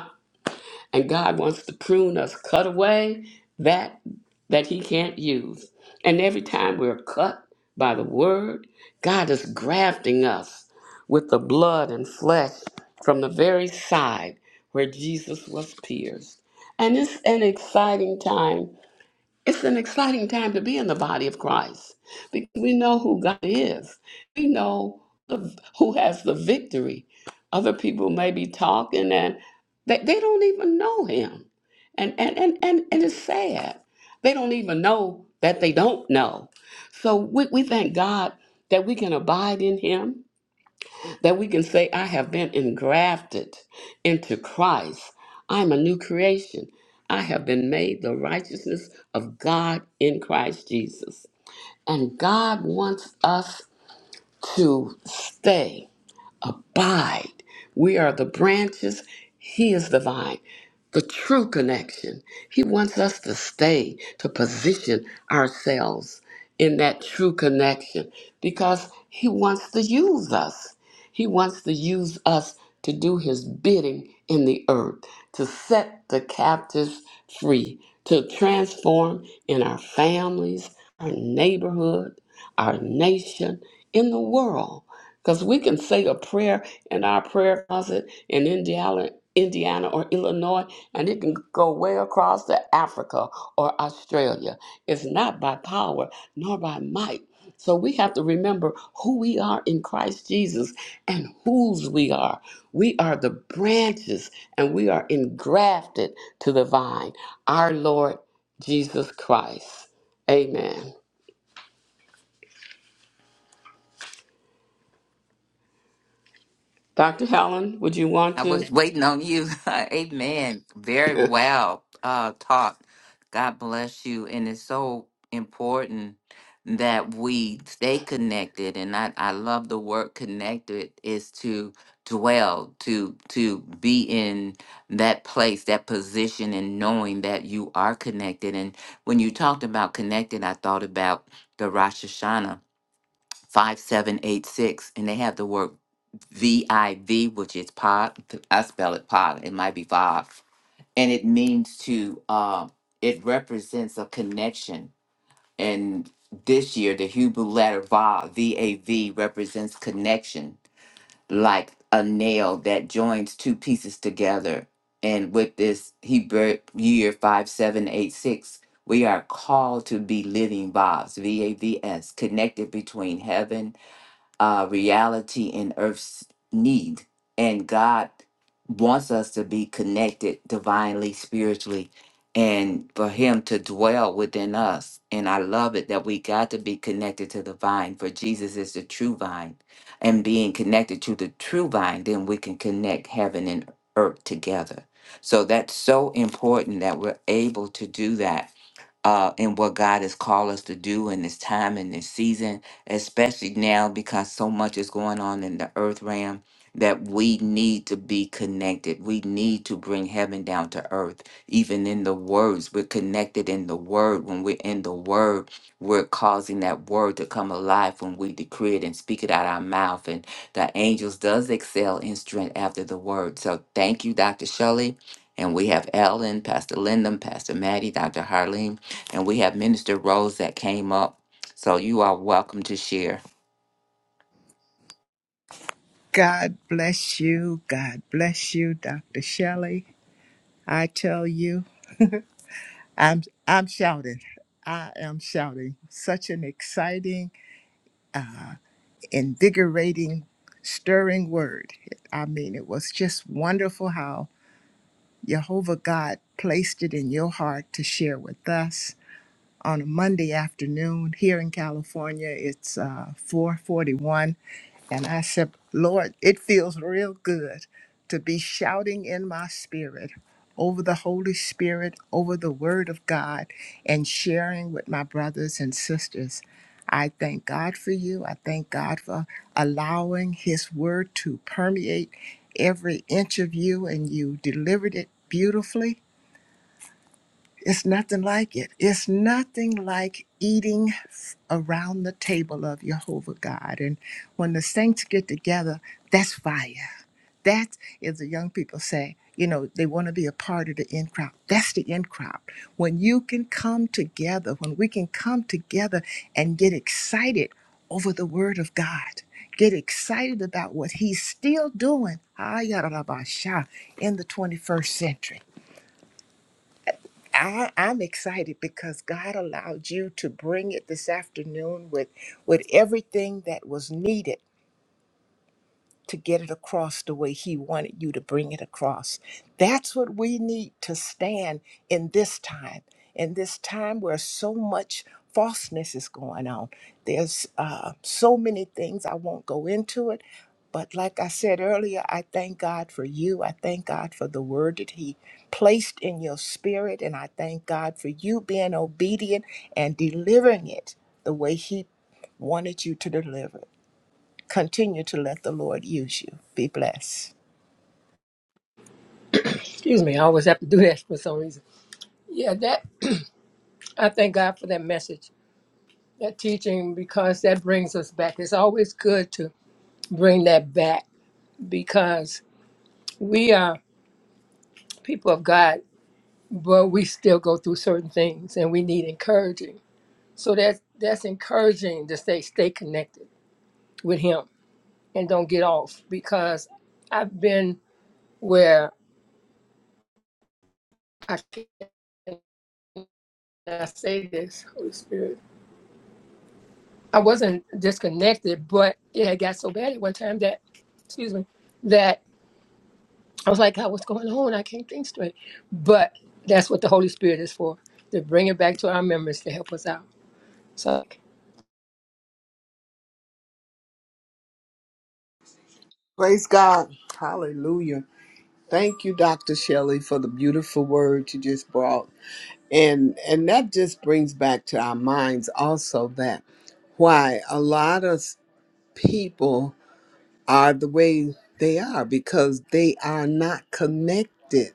Speaker 2: and God wants to prune us, cut away that that He can't use. And every time we're cut by the Word, God is grafting us with the blood and flesh from the very side where Jesus was pierced. And it's an exciting time it's an exciting time to be in the body of Christ because we know who God is. We know the, who has the victory. Other people may be talking and they, they don't even know him. And, and, and, and, and it's sad. They don't even know that they don't know. So we, we thank God that we can abide in him that we can say, I have been engrafted into Christ. I'm a new creation. I have been made the righteousness of God in Christ Jesus. And God wants us to stay abide. We are the branches, He is the vine. The true connection. He wants us to stay, to position ourselves in that true connection because He wants to use us. He wants to use us to do His bidding in the earth, to set the captives free, to transform in our families, our neighborhood, our nation, in the world. Because we can say a prayer in our prayer closet in Indiana, Indiana or Illinois, and it can go way across to Africa or Australia. It's not by power nor by might. So we have to remember who we are in Christ Jesus and whose we are. We are the branches and we are engrafted to the vine, our Lord Jesus Christ. Amen. Dr. Helen, would you want
Speaker 1: I
Speaker 2: to?
Speaker 1: was waiting on you. [LAUGHS] Amen. Very
Speaker 2: [LAUGHS]
Speaker 1: well uh, taught. God bless you. And it's so important that we stay connected. And I, I love the word connected is to dwell, to to be in that place, that position, and knowing that you are connected. And when you talked about connected, I thought about the Rosh Hashanah. 5786 and they have the word V I V, which is pod. I spell it pod. It might be Vav, and it means to. Uh, it represents a connection. And this year, the Hebrew letter Vav, V A V, represents connection, like a nail that joins two pieces together. And with this Hebrew year five seven eight six, we are called to be living Vavs, V A V S, connected between heaven uh, reality and earth's need. And God wants us to be connected divinely, spiritually, and for Him to dwell within us. And I love it that we got to be connected to the vine, for Jesus is the true vine. And being connected to the true vine, then we can connect heaven and earth together. So that's so important that we're able to do that uh, in what God has called us to do in this time and this season especially now because so much is going on in the earth realm that we need to be connected. We need to bring heaven down to earth, even in the words. We're connected in the word. When we're in the word, we're causing that word to come alive when we decree it and speak it out our mouth. And the angels does excel in strength after the word. So thank you, Dr. Shelley. And we have Ellen, Pastor Lyndon, Pastor Maddie, Dr. Harleen, and we have Minister Rose that came up. So you are welcome to share.
Speaker 4: God bless you. God bless you, Dr. Shelley. I tell you. I'm I'm shouting. I am shouting. Such an exciting, invigorating, stirring word. I mean, it was just wonderful how Jehovah God placed it in your heart to share with us on a Monday afternoon here in California. It's uh, 441. And I said, Lord, it feels real good to be shouting in my spirit over the Holy Spirit, over the Word of God, and sharing with my brothers and sisters. I thank God for you. I thank God for allowing His Word to permeate every inch of you, and you delivered it beautifully it's nothing like it. It's nothing like eating around the table of Jehovah God. And when the saints get together, that's fire. That is the young people say, you know, they want to be a part of the in crowd. That's the in crowd. When you can come together, when we can come together and get excited over the word of God, get excited about what he's still doing ah, yada, da, ba, sha, in the 21st century I, I'm excited because God allowed you to bring it this afternoon with with everything that was needed to get it across the way He wanted you to bring it across. That's what we need to stand in this time, in this time where so much falseness is going on. There's uh, so many things, I won't go into it. But like I said earlier, I thank God for you. I thank God for the word that He placed in your spirit. And I thank God for you being obedient and delivering it the way He wanted you to deliver it. Continue to let the Lord use you. Be blessed.
Speaker 3: Excuse me, I always have to do [LAUGHS] that for some reason. Yeah, that I thank God for that message, that teaching, because that brings us back. It's always good to bring that back because we are people of God but we still go through certain things and we need encouraging. So that's that's encouraging to say stay connected with him and don't get off because I've been where I can I say this, Holy Spirit. I wasn't disconnected, but it had got so bad at one time that excuse me, that I was like, God, what's going on? I can't think straight. But that's what the Holy Spirit is for, to bring it back to our memories to help us out. So
Speaker 5: Praise God. Hallelujah. Thank you, Dr. Shelley, for the beautiful word you just brought. and and that just brings back to our minds also that why a lot of s- people are the way they are because they are not connected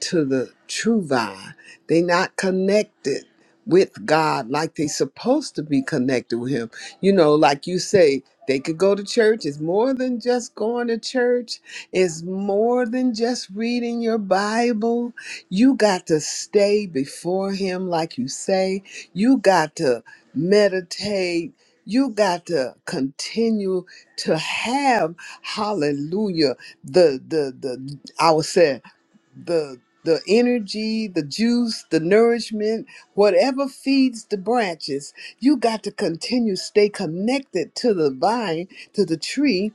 Speaker 5: to the true vine. They not connected with God like they supposed to be connected with him. You know, like you say, they could go to church. It's more than just going to church. It's more than just reading your Bible. You got to stay before him like you say. You got to meditate. You got to continue to have hallelujah the the the I would say the energy, the juice, the nourishment, whatever feeds the branches. You got to continue stay connected to the vine, to the tree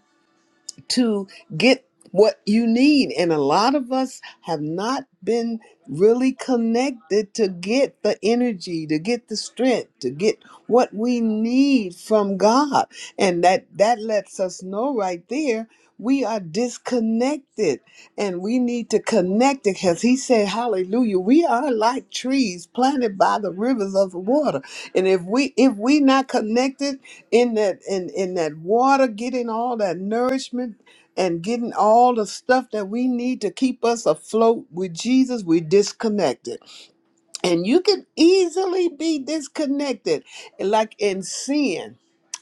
Speaker 5: to get what you need. And a lot of us have not been really connected to get the energy, to get the strength, to get what we need from God. And that that lets us know right there we are disconnected and we need to connect it because he said hallelujah we are like trees planted by the rivers of the water and if we if we not connected in that in in that water getting all that nourishment and getting all the stuff that we need to keep us afloat with jesus we disconnected and you can easily be disconnected like in sin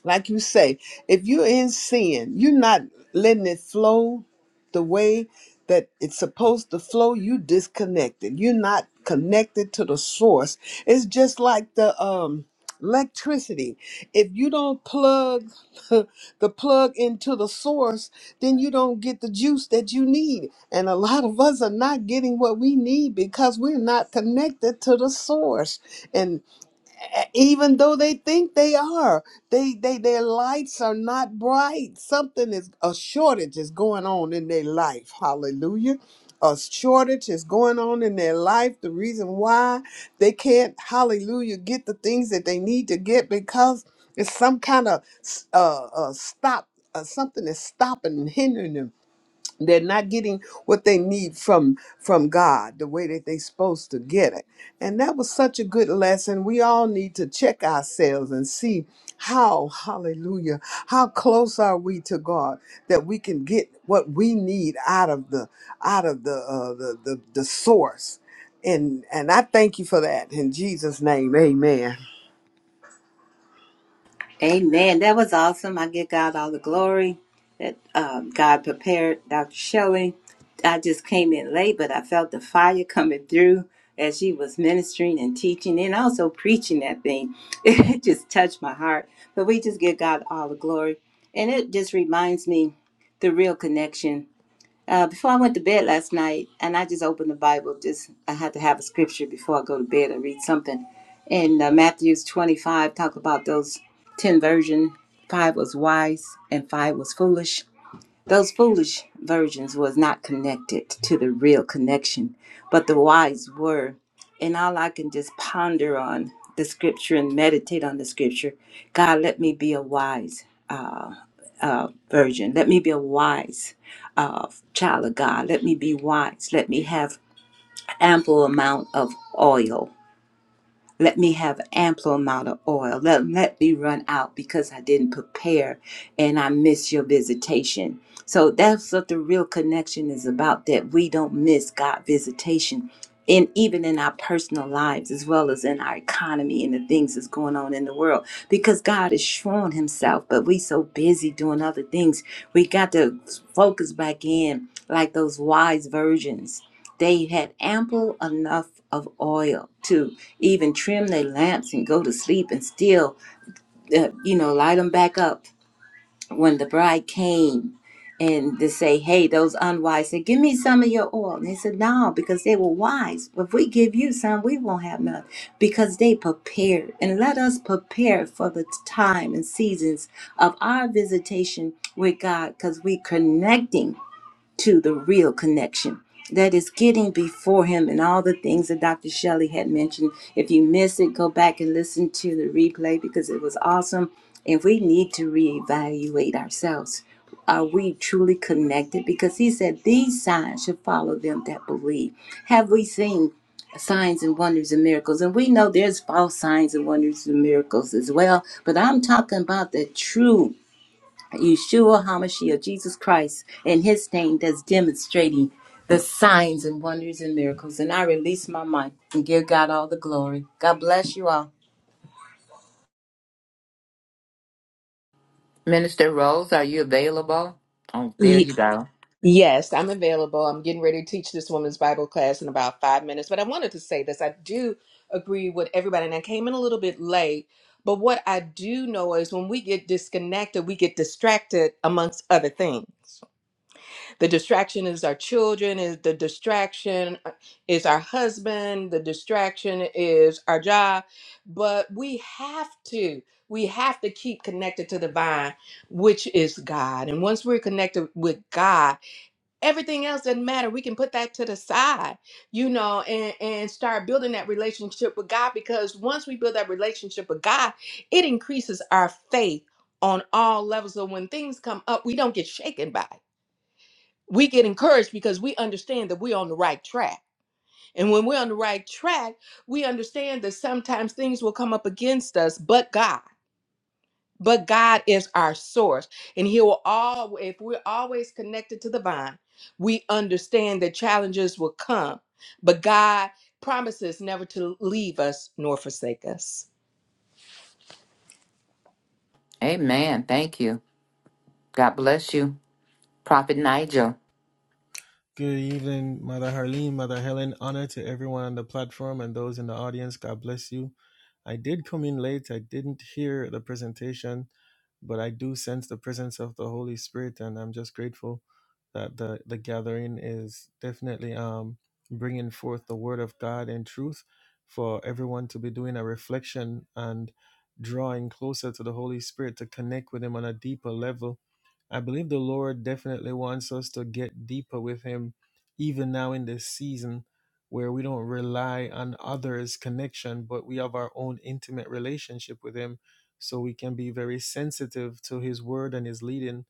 Speaker 5: like you say if you're in sin you're not letting it flow the way that it's supposed to flow you disconnected you're not connected to the source it's just like the um electricity if you don't plug [LAUGHS] the plug into the source, then you don't get the juice that you need. And a lot of us are not getting what we need because we're not connected to the source e, even though they think they are they they their lights are not bright something is a shortage is going on in their life hallelujah a shortage is going on in their life the reason why they can't hallelujah get the things that they need to get because it's some kind of uh, uh stop uh, something is stopping and hindering them they're not getting what they need from from god the way that they're supposed to get it and that was such a good lesson we all need to check ourselves and see how hallelujah how close are we to god that we can get what we need out of the out of the uh, the, the the source and and i thank you for that in jesus name amen
Speaker 7: Amen. That was awesome. I give God all the glory that um, God prepared Dr. Shelley. I just came in late, but I felt the fire coming through as she was ministering and teaching and also preaching that thing. [LAUGHS] It just touched my heart. But we just give God all the glory. And it just reminds me the real connection. Uh, before I went to bed last night, and I just opened the Bible, just I had to have a scripture before I go to bed or read something. And uh, Matthew's 25 talk about those 10 version, five was wise and five was foolish. Those foolish virgins was not connected to the real connection, but the wise were. And all I can just ponder on the scripture and meditate on the scripture. God, let me be a wise uh, uh, virgin. Let me be a wise uh, child of God. Let me be wise. Let me have ample amount of oil let me have an ample amount of oil. Let, let me run out because I didn't prepare and I miss your visitation. So that's what the real connection is about that we don't miss God visitation. And even in our personal lives, as well as in our economy and the things that's going on in the world, because God is showing Himself, but we so busy doing other things, we got to focus back in like those wise virgins they had ample enough of oil to even trim their lamps and go to sleep and still, uh, you know, light them back up when the bride came and to say, hey, those unwise said, give me some of your oil. And they said, no, because they were wise. If we give you some, we won't have none because they prepared. And let us prepare for the time and seasons of our visitation with God because we're connecting to the real connection. That is getting before him and all the things that Dr. Shelley had mentioned. If you miss it, go back and listen to the replay because it was awesome. And we need to reevaluate ourselves. Are we truly connected? Because he said these signs should follow them that believe. Have we seen signs and wonders and miracles? And we know there's false signs and wonders and miracles as well. But I'm talking about the true Yeshua HaMashiach, Jesus Christ, in his name that's demonstrating the signs and wonders and miracles. And I release my mic and give God all the glory. God bless you all.
Speaker 1: Minister Rose, are you available? Oh, there
Speaker 8: Ye-
Speaker 1: you go.
Speaker 8: Yes, I'm available. I'm getting ready to teach this woman's Bible class in about five minutes. But I wanted to say this I do agree with everybody, and I came in a little bit late. But what I do know is when we get disconnected, we get distracted amongst other things. The distraction is our children, is the distraction uh, is our husband, the distraction is our job. But we have to, we have to keep connected to the vine, which is God. And once we're connected with God, everything else doesn't matter we can put that to the side you know and and start building that relationship with god because once we build that relationship with god it increases our faith on all levels so when things come up we don't get shaken by it we get encouraged because we understand that we're on the right track and when we're on the right track we understand that sometimes things will come up against us but god but God is our source, and He will all. If we're always connected to the vine, we understand that challenges will come, but God promises never to leave us nor forsake us.
Speaker 1: Amen. Thank you. God bless you. Prophet Nigel.
Speaker 9: Good evening, Mother Harleen, Mother Helen. Honor to everyone on the platform and those in the audience. God bless you. I did come in late. I didn't hear the presentation, but I do sense the presence of the Holy Spirit, and I'm just grateful that the the gathering is definitely um bringing forth the Word of God and truth for everyone to be doing a reflection and drawing closer to the Holy Spirit to connect with Him on a deeper level I believe the Lord definitely wants us to get deeper with Him, even now in this season where we don't rely on others' connection, but we have our own intimate relationship with Him. So we can be very sensitive to His word and His leading,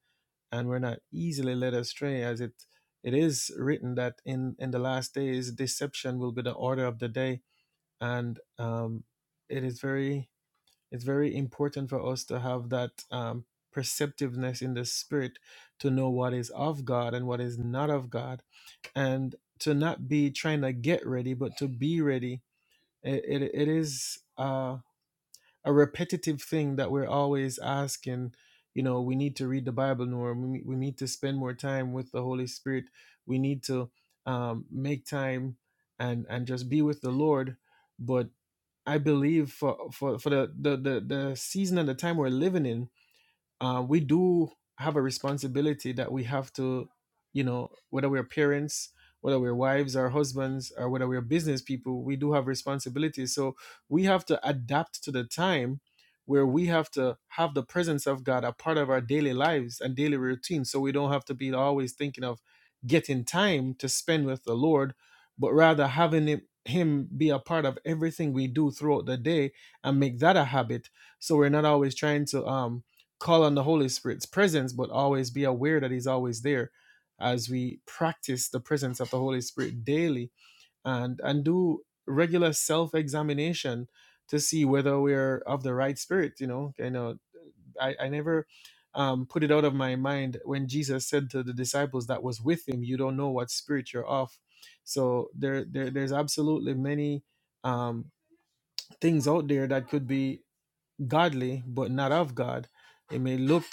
Speaker 9: and we're not easily led astray, as it it is written that in in the last days deception will be the order of the day, and um, it is very it's very important for us to have that um, perceptiveness in the spirit to know what is of God and what is not of God, and to not be trying to get ready, but to be ready. It, it, it is uh, a repetitive thing that we're always asking. You know, we need to read the Bible more. We, we need to spend more time with the Holy Spirit. We need to um, make time and and just be with the Lord. But I believe for for for the the the, the season and the time we're living in, uh, we do have a responsibility that we have to, you know, whether we're parents, whether we're wives or husbands, or whether we're business people, we do have responsibilities. So we have to adapt to the time where we have to have the presence of God a part of our daily lives and daily routine. So we don't have to be always thinking of getting time to spend with the Lord, but rather having Him him be a part of everything we do throughout the day and make that a habit so we're not always trying to um call on the Holy Spirit's presence, but always be aware that He's always there as we practice the presence of the Holy Spirit daily and and do regular self-examination to see whether we're of the right spirit. You know, I know I, I never um, put it out of my mind when Jesus said to the disciples that was with him, you don't know what spirit you're of. So there, there there's absolutely many um, things out there that could be godly but not of God. It may look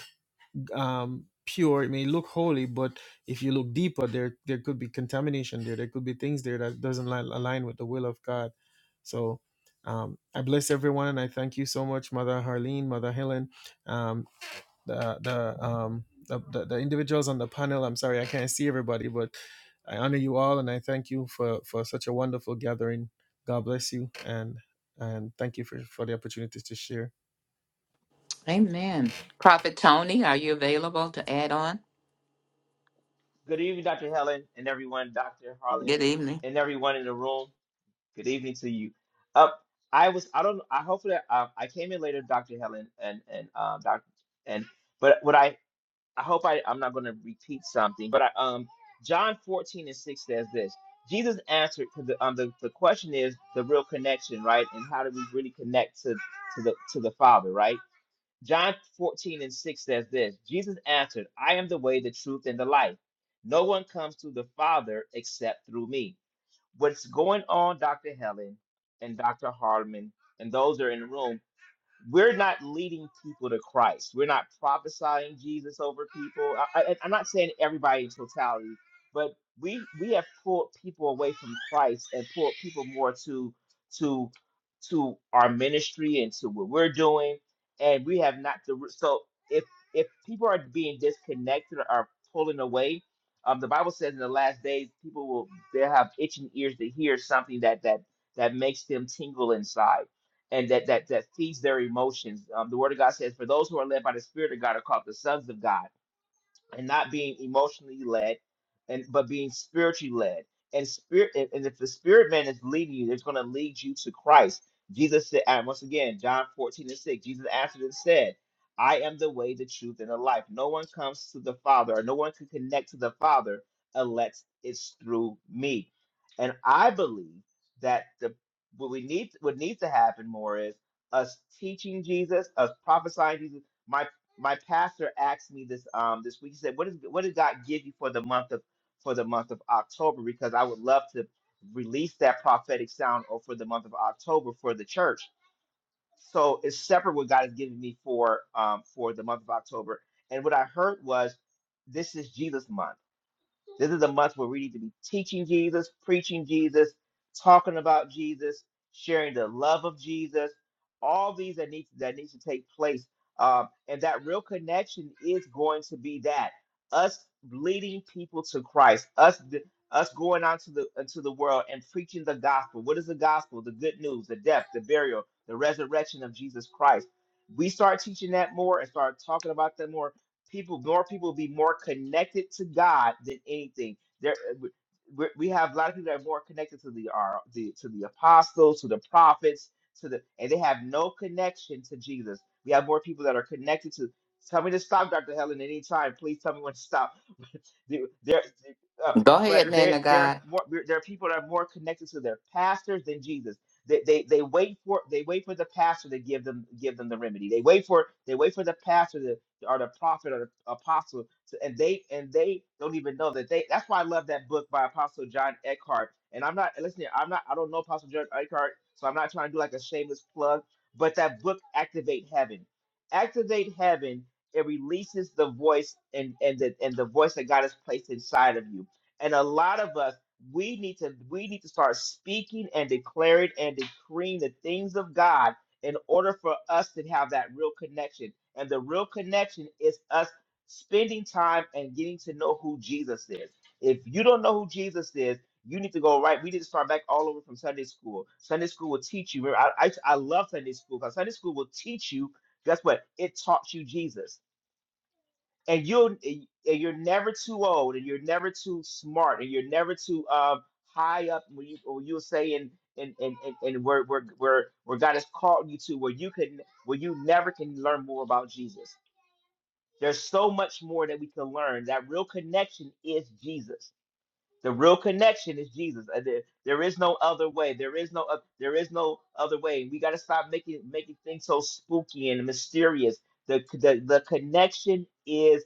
Speaker 9: um, pure, it may look holy, but if you look deeper, there there could be contamination there. There could be things there that doesn't li- align with the will of God. So um, I bless everyone, and I thank you so much, Mother Harleen, Mother Helen, um, the the, um, the the the individuals on the panel. I'm sorry I can't see everybody, but I honor you all, and I thank you for for such a wonderful gathering. God bless you, and and thank you for for the opportunity to share.
Speaker 1: Amen. Prophet Tony, are you available to add on?
Speaker 10: Good evening, Dr. Helen, and everyone, Dr. Harlan,
Speaker 1: Good evening.
Speaker 10: and everyone in the room. Good evening to you. Uh, I was, I don't, I hopefully, I, I came in later, Dr. Helen, and and um, Dr. and, but what I, I hope I, I'm not going to repeat something, but I, um, John 14 and 6 says this. Jesus answered, because the, um, the, the question is the real connection, right? And how do we really connect to to the to the Father, right? John 14 and 6 says this Jesus answered, I am the way, the truth, and the life. No one comes to the Father except through me. What's going on, Dr. Helen and Dr. Hardman, and those that are in the room? we're not leading people to Christ. We're not prophesying Jesus over people. I, I, I'm not saying everybody in totality, but we we have pulled people away from Christ and pulled people more to to to our ministry and to what we're doing, and we have not the so if if people are being disconnected or are pulling away. Um, the Bible says in the last days, people will they'll have itching ears to hear something that that that makes them tingle inside and that that that feeds their emotions. Um, the Word of God says, "For those who are led by the Spirit of God are called the sons of God." and not being emotionally led and but being spiritually led and spirit and, and if the spirit man is leading you it's going to lead you to christ jesus said and once again john 14 and 6 jesus answered and said i am the way the truth and the life no one comes to the father or no one can connect to the father unless it's through me and i believe that the what we need what needs to happen more is us teaching jesus us prophesying jesus My my pastor asked me this um this week. He said, "What is what did God give you for the month of for the month of October? Because I would love to release that prophetic sound or for the month of October for the church. So it's separate what God has given me for um for the month of October. And what I heard was, this is Jesus month." This is a month where we need to be teaching Jesus, preaching Jesus, talking about Jesus, sharing the love of Jesus. All these that need that needs to take place, um, and that real connection is going to be that us leading people to Christ, us d- us going out to the into the world and preaching the gospel. What is the gospel? The good news, the death, the burial, the resurrection of Jesus Christ. We start teaching that more and start talking about that more people more people be more connected to God than anything. There, we we- we have a lot of people that are more connected to the, our, the to the apostles, to the prophets, to the and they have no connection to Jesus. We have more people that are connected to. Tell me to stop, Dr. Helen, anytime. Please tell me when to stop. There, there- uh,
Speaker 1: Go
Speaker 10: but
Speaker 1: ahead, man
Speaker 10: there,
Speaker 1: of
Speaker 10: there are
Speaker 1: God.
Speaker 10: more. There are people that are more connected to their pastors than Jesus. They, they, they wait for they wait for the pastor to give them give them the remedy. They wait for they wait for the pastor to, or the prophet or the apostle, to, and they and they don't even know that they. That's why I love that book by Apostle John Eckhart. And I'm not listening. I'm not. I don't know Apostle John Eckhart, so I'm not trying to do like a shameless plug. But that book, Activate Heaven, Activate Heaven it releases the voice and and the and the voice that God has placed inside of you. And a lot of us we need to we need to start speaking and declaring and decreeing the things of God in order for us to have that real connection. And the real connection is us spending time and getting to know who Jesus is. If you don't know who Jesus is, you need to go right. We need to start back all over from Sunday school. Sunday school will teach you. Remember, I, I, I love Sunday school because Sunday school will teach you guess what? It taught you Jesus and you'll and you're never too old and you're never too smart and you're never too um high up when you when you say and and and and, and where, where where where God has called you to where you can where you never can learn more about Jesus. There's so much more that we can learn. That real connection is Jesus. The real connection is Jesus. and There, there is no other way. There is no oth- there is no other way. We got to stop making making things so spooky and mysterious. The, c- the the connection is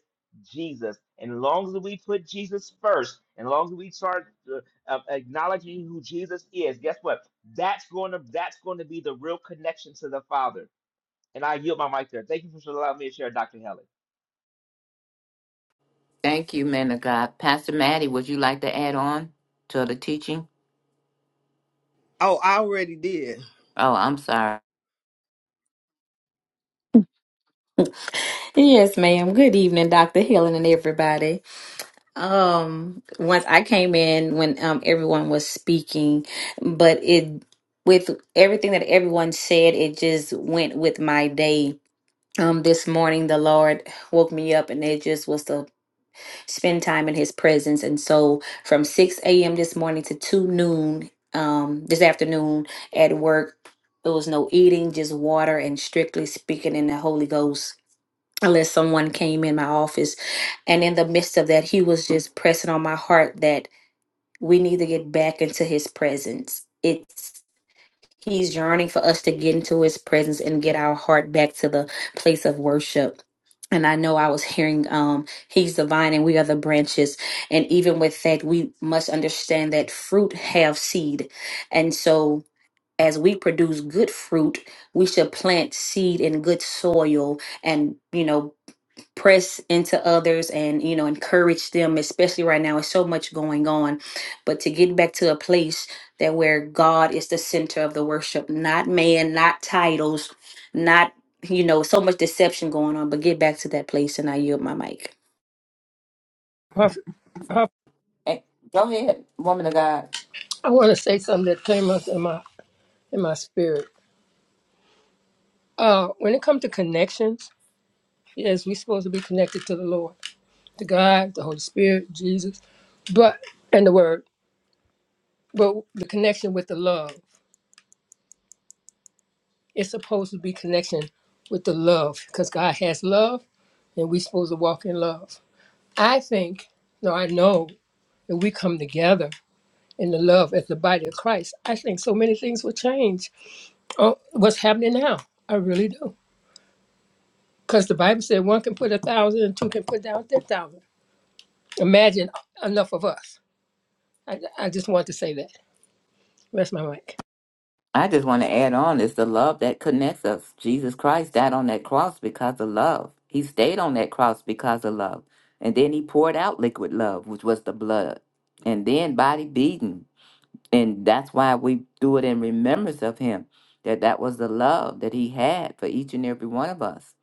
Speaker 10: Jesus. And as long as we put Jesus first, and as long as we start uh, uh, acknowledging who Jesus is, guess what? That's going to that's going to be the real connection to the Father. And I yield my mic there. Thank you for allowing me to share, Dr. Helen.
Speaker 1: Thank you, man of God. Pastor Maddie, would you like to add on to the teaching?
Speaker 5: oh i already did
Speaker 1: Oh, I'm sorry.
Speaker 11: Yes, ma'am. Good evening, Dr. Helen and everybody. Um, once I came in when um everyone was speaking, but it with everything that everyone said, it just went with my day. Um, this morning the Lord woke me up and it just was to spend time in his presence. And so from 6 a.m. this morning to 2 noon, um, this afternoon at work, there was no eating, just water and strictly speaking in the Holy Ghost unless someone came in my office. And in the midst of that, he was just pressing on my heart that we need to get back into his presence. It's he's yearning for us to get into his presence and get our heart back to the place of worship. And I know I was hearing um he's the vine and we are the branches. And even with that, we must understand that fruit have seed. And so as we produce good fruit, we should plant seed in good soil and you know press into others and you know encourage them especially right now it's so much going on but to get back to a place that where god is the center of the worship not man not titles not you know so much deception going on but get back to that place and i yield my mic
Speaker 3: her, her
Speaker 1: Eh, Go ahead, woman of God.
Speaker 3: I want to say something that came up in my in my spirit. Uh, when it comes to connections, yes, we're supposed to be connected to the Lord, to God, the Holy Spirit, Jesus, but and the Word. But the connection with the love, it's supposed to be connection with the love, because God has love, and we're supposed to walk in love. I think, no, I know, if we come together in the love as the body of Christ, I think so many things will change. Oh, what's happening now? I really do. Because the Bible said one can put a thousand and two can put down ten thousand. Imagine enough of us. I, I just want to say that. Rest my mic.
Speaker 1: I just want to add on is the love that connects us. Jesus Christ died on that cross because of love. He stayed on that cross because of love. And then he poured out liquid love, which was the blood. And then body beaten and that's why we do it in remembrance of him that that was the love that he had for each and every one of us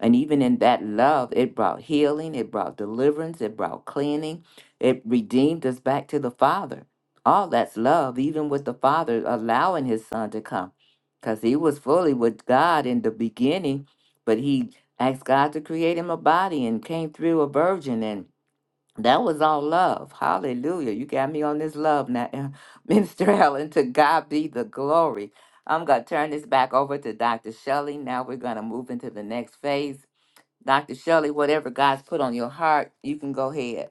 Speaker 1: and even in that love it brought healing it brought deliverance it brought cleaning it redeemed us back to the father all that's love even with the father allowing his son to come because he was fully with god in the beginning but he asked god to create him a body and came through a virgin and. That was all love. Hallelujah. You got me on this love now, [LAUGHS] Minister Allen. To God be the glory. I'm going to turn this back over to Dr. Shelley. Now we're going to move into the next phase. Dr. Shelley, whatever God's put on your heart, you can go ahead.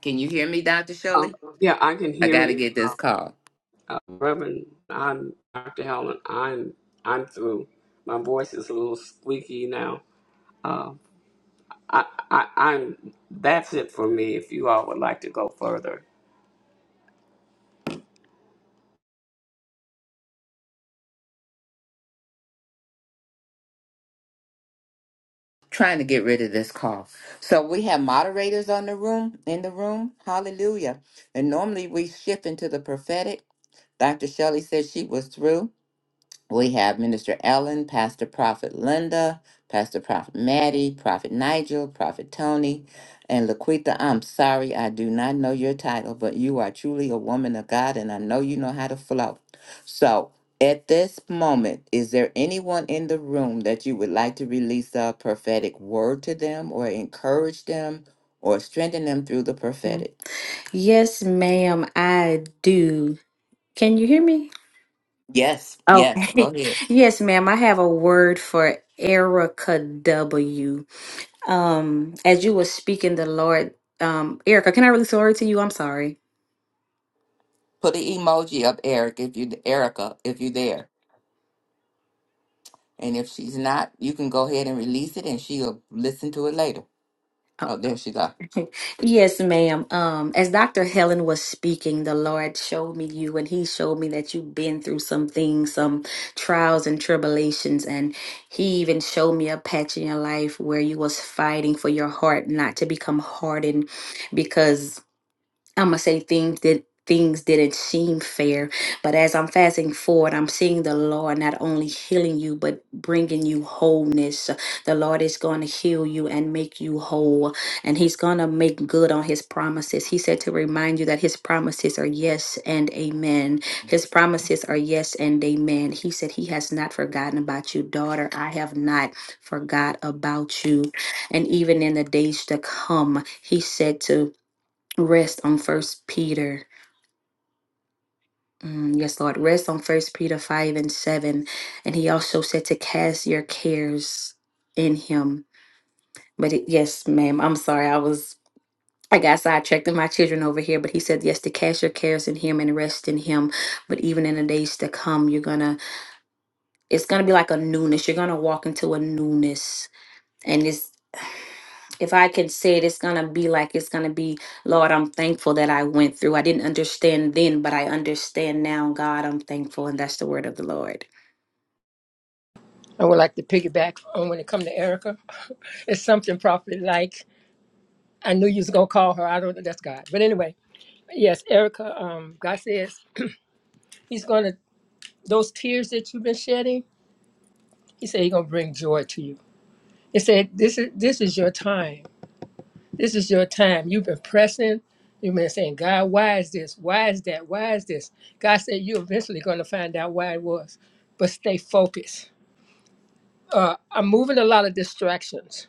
Speaker 1: Can you hear me, Dr.
Speaker 2: Um,
Speaker 1: Shelley?
Speaker 2: yeah, I can
Speaker 1: I
Speaker 2: hear
Speaker 1: got to
Speaker 2: you,
Speaker 1: get this
Speaker 2: um,
Speaker 1: call.
Speaker 2: uh, Reverend. I'm Dr. Helen. I'm I'm through. My voice is a little squeaky now. Um, I, I I'm that's it for me. If you all would like to go further,
Speaker 1: Trying to get rid of this call. So we have moderators on the room, in the room. Hallelujah. And normally we shift into the prophetic. Dr. Shelley said she was through. We have Minister Ellen, Pastor Prophet Linda, Pastor Prophet Maddie, Prophet Nigel, Prophet Tony, and Laquita. I'm sorry I do not know your title, but you are truly a woman of God, and I know you know how to flow. So at this moment, is there anyone in the room that you would like to release a prophetic word to them or encourage them or strengthen them through the
Speaker 11: yeah.
Speaker 1: prophetic?
Speaker 11: yes ma'am i do can you hear me
Speaker 1: Yes, yes, go
Speaker 11: okay
Speaker 1: ahead.
Speaker 11: [LAUGHS] yes ma'am i have a word for erica w Um, as you were speaking, the Lord, um, Erica, can I release the word to you? I'm sorry.
Speaker 1: Put an emoji up, Eric, if you Erica, if you're there. And if she's not, you can go ahead and release it and she'll listen to it later.
Speaker 11: Oh,
Speaker 1: Oh, there she go.
Speaker 11: yes, ma'am. Um, as Dr. Helen was speaking, the Lord showed me you, and He showed me that you've been through some things, some trials and tribulations, and He even showed me a patch in your life where you was fighting for your heart not to become hardened, because I'm gonna say things that things didn't seem fair, but as I'm fasting forward, I'm seeing the Lord not only healing you but bringing you wholeness. The Lord is going to heal you and make you whole, and He's gonna make good on His promises. He said to remind you that His promises are yes and amen. His promises are yes and amen. He said He has not forgotten about you, daughter. I have not forgot about you, and even in the days to come, He said to rest on first peter Mm, yes lord rest on first peter 5 and 7 and he also said to cast your cares in him but it, yes ma'am i'm sorry i was i got sidetracked and my children over here but he said yes to cast your cares in him and rest in him but even in the days to come you're gonna it's gonna be like a newness you're gonna walk into a newness and it's if I can say it, it's gonna be like it's gonna be, Lord, I'm thankful that I went through. I didn't understand then, but I understand now, God, I'm thankful, and that's the word of the Lord.
Speaker 3: I would like to piggyback on when it comes to Erica. [LAUGHS] It's something probably like I knew you was gonna call her. I don't know. That's God. But anyway, yes, Erica. Um, God says He's gonna those tears that you've been shedding. He said He's gonna bring joy to you. He said this is this is your time. This is your time. You've been pressing. You've been saying, God, why is this? Why is that? Why is this? God said you're eventually going to find out why it was, but stay focused. Uh, I'm moving a lot of distractions.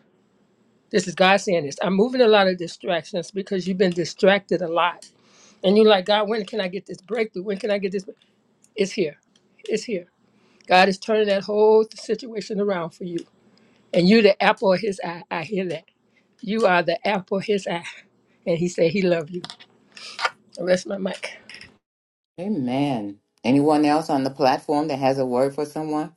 Speaker 3: This is God saying this. I'm moving a lot of distractions because you've been distracted a lot. And you're like, God, when can I get this breakthrough? When can I get this? It's here. It's here. God is turning that whole situation around for you. And you're the apple of his eye. I hear that. You are the apple of his eye. And he said he loved you. I rest my mic.
Speaker 1: Amen. Anyone else on the platform that has a word for someone?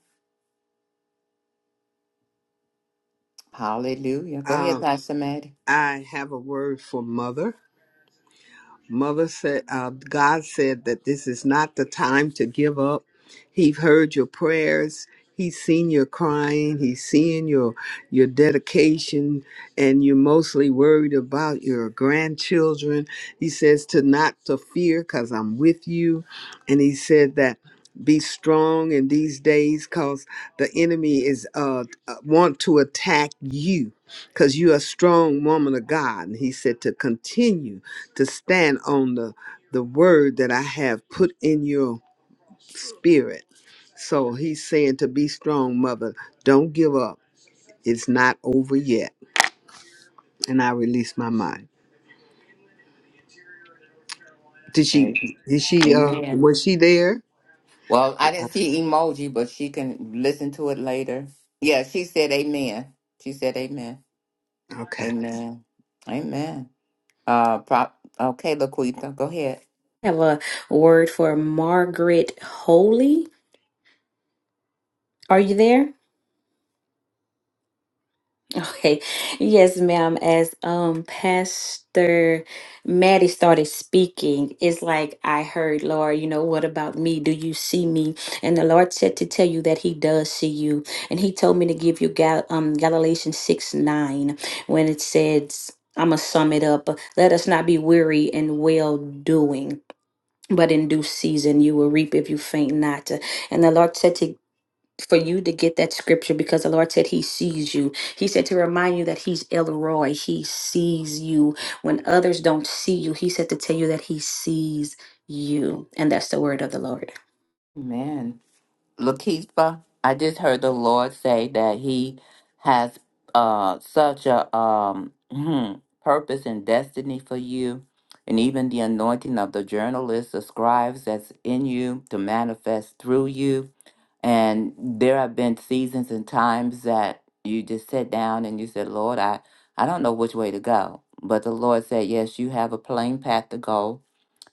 Speaker 1: Hallelujah. Go ahead,
Speaker 5: uh,
Speaker 1: Pastor Maddie.
Speaker 5: i have a word for mother Mother said, uh, God said that this is not the time to give up. He heard your prayers. He's seen your crying. He's seeing your your dedication, and you're mostly worried about your grandchildren. He says to not to fear, cause I'm with you, and he said that be strong in these days, cause the enemy is uh uh, want to attack you, cause you are a strong woman of God. And he said to continue to stand on the the word that I have put in your spirit. So he's saying to be strong, mother. Don't give up. It's not over yet. And I release my mind. Did she?
Speaker 1: Amen.
Speaker 5: Did she? Uh,
Speaker 1: Amen.
Speaker 5: was she there?
Speaker 1: Well, I didn't see emoji, but she can listen to it later. Yeah, she said amen. She said amen.
Speaker 5: Okay.
Speaker 1: Amen. Amen. Uh, prop. Okay, Laquita, go ahead.
Speaker 11: I have a word for Margaret Holy. Are you there? Okay. Yes, ma'am. As um Pastor Maddie started speaking, it's like I heard, Lord, you know, what about me? Do you see me? And the Lord said to tell you that He does see you. And He told me to give you Gal um Galatians 6 9 when it says I'ma sum it up. Let us not be weary in well doing, but in due season you will reap if you faint not. And the Lord said to for you to get that scripture because the Lord said He sees you. He said to remind you that He's Elroy. He sees you. When others don't see you, He said to tell you that He sees you. And that's the word of the Lord.
Speaker 1: Amen. Lakeitha, I just heard the Lord say that He has uh, such a um, hmm, purpose and destiny for you, and even the anointing of the journalists, the scribes that's in you to manifest through you. And there have been seasons and times that you just sat down and you said, Lord, I, I don't know which way to go. But the Lord said, Yes, you have a plain path to go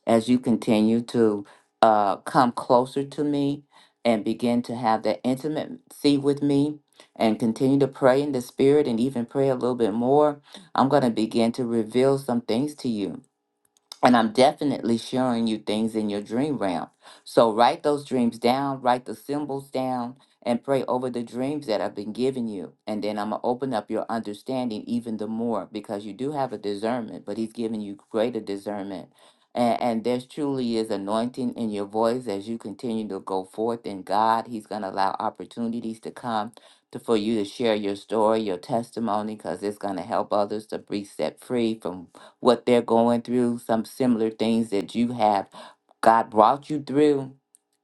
Speaker 1: as you continue to uh, come closer to me and begin to have that intimacy with me and continue to pray in the spirit and even pray a little bit more, I'm going to begin to reveal some things to you and I'm definitely showing you things in your dream realm. So write those dreams down, write the symbols down, and pray over the dreams that I've been giving you. And then I'm going to open up your understanding even the more because you do have a discernment, but He's giving you greater discernment. And, and there truly is anointing in your voice as you continue to go forth in God. He's going to allow opportunities to come to, for you to share your story, your testimony, because it's going to help others to be set free from what they're going through, some similar things that you have. God brought you through,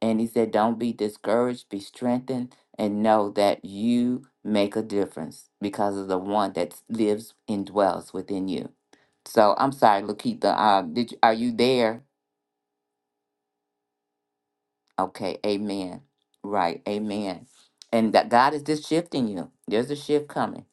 Speaker 1: and He said, Don't be discouraged, be strengthened, and know that you make a difference because of the one that lives and dwells within you. So I'm sorry, Lakita. Uh, did you, are you there? Okay, amen. Right, amen. And that God is just shifting you. There's a shift coming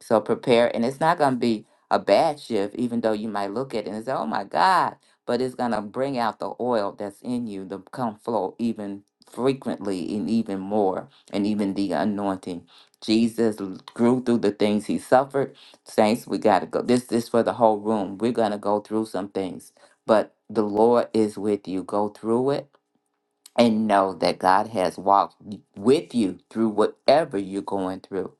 Speaker 1: So prepare, and it's not going to be a bad shift, even though you might look at it and say, "Oh my God!" But it's going to bring out the oil that's in you to come flow even frequently and even more, and even the anointing. Jesus l- grew through the things he suffered. Saints, we got to go. This is for the whole room. We're going to go through some things, but the Lord is with you. Go through it and know that God has walked with you through whatever you're going through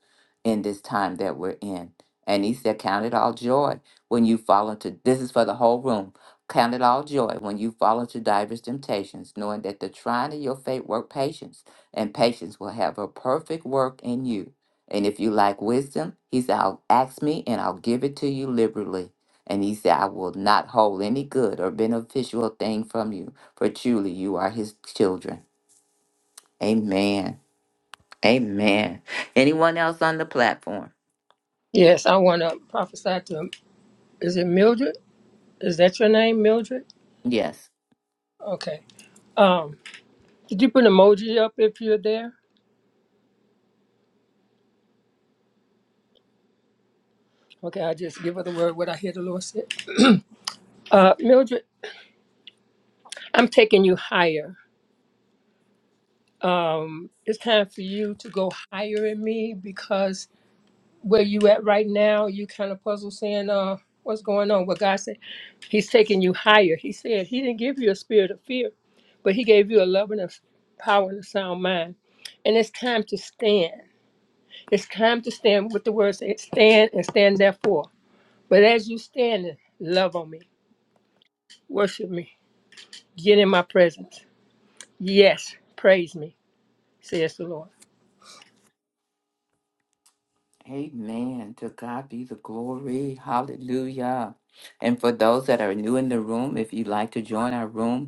Speaker 1: in this time that we're in. And he said, Count it all joy when you fall into this is for the whole room. Count it all joy when you fall into diverse temptations, knowing that the trying of your faith work patience, and patience will have a perfect work in you. And if you lack wisdom, he said, I'll ask me and I'll give it to you liberally. And he said, I will not hold any good or beneficial thing from you for truly you are his children. Amen. Amen. Anyone else on the platform?
Speaker 3: Yes, I want to prophesy to. Is it Mildred? Is that your name, Mildred?
Speaker 1: Yes.
Speaker 3: Okay. Um, did you put an emoji up if you're there? Okay, I just give her the word what I hear the Lord said. Uh, Mildred, I'm taking you higher. Um, it's time for you to go higher in me because where you at right now, you kind of puzzle saying, uh, what's going on? What God said, He's taking you higher. He said He didn't give you a spirit of fear, but He gave you a love and a power and a sound mind. And it's time to stand. It's time to stand with the word says, stand and stand therefore. But as you stand, love on me, worship me, get in my presence. Yes, praise me, says the Lord.
Speaker 1: Amen. To God be the glory. Hallelujah. And for those that are new in the room, if you'd like to join our room,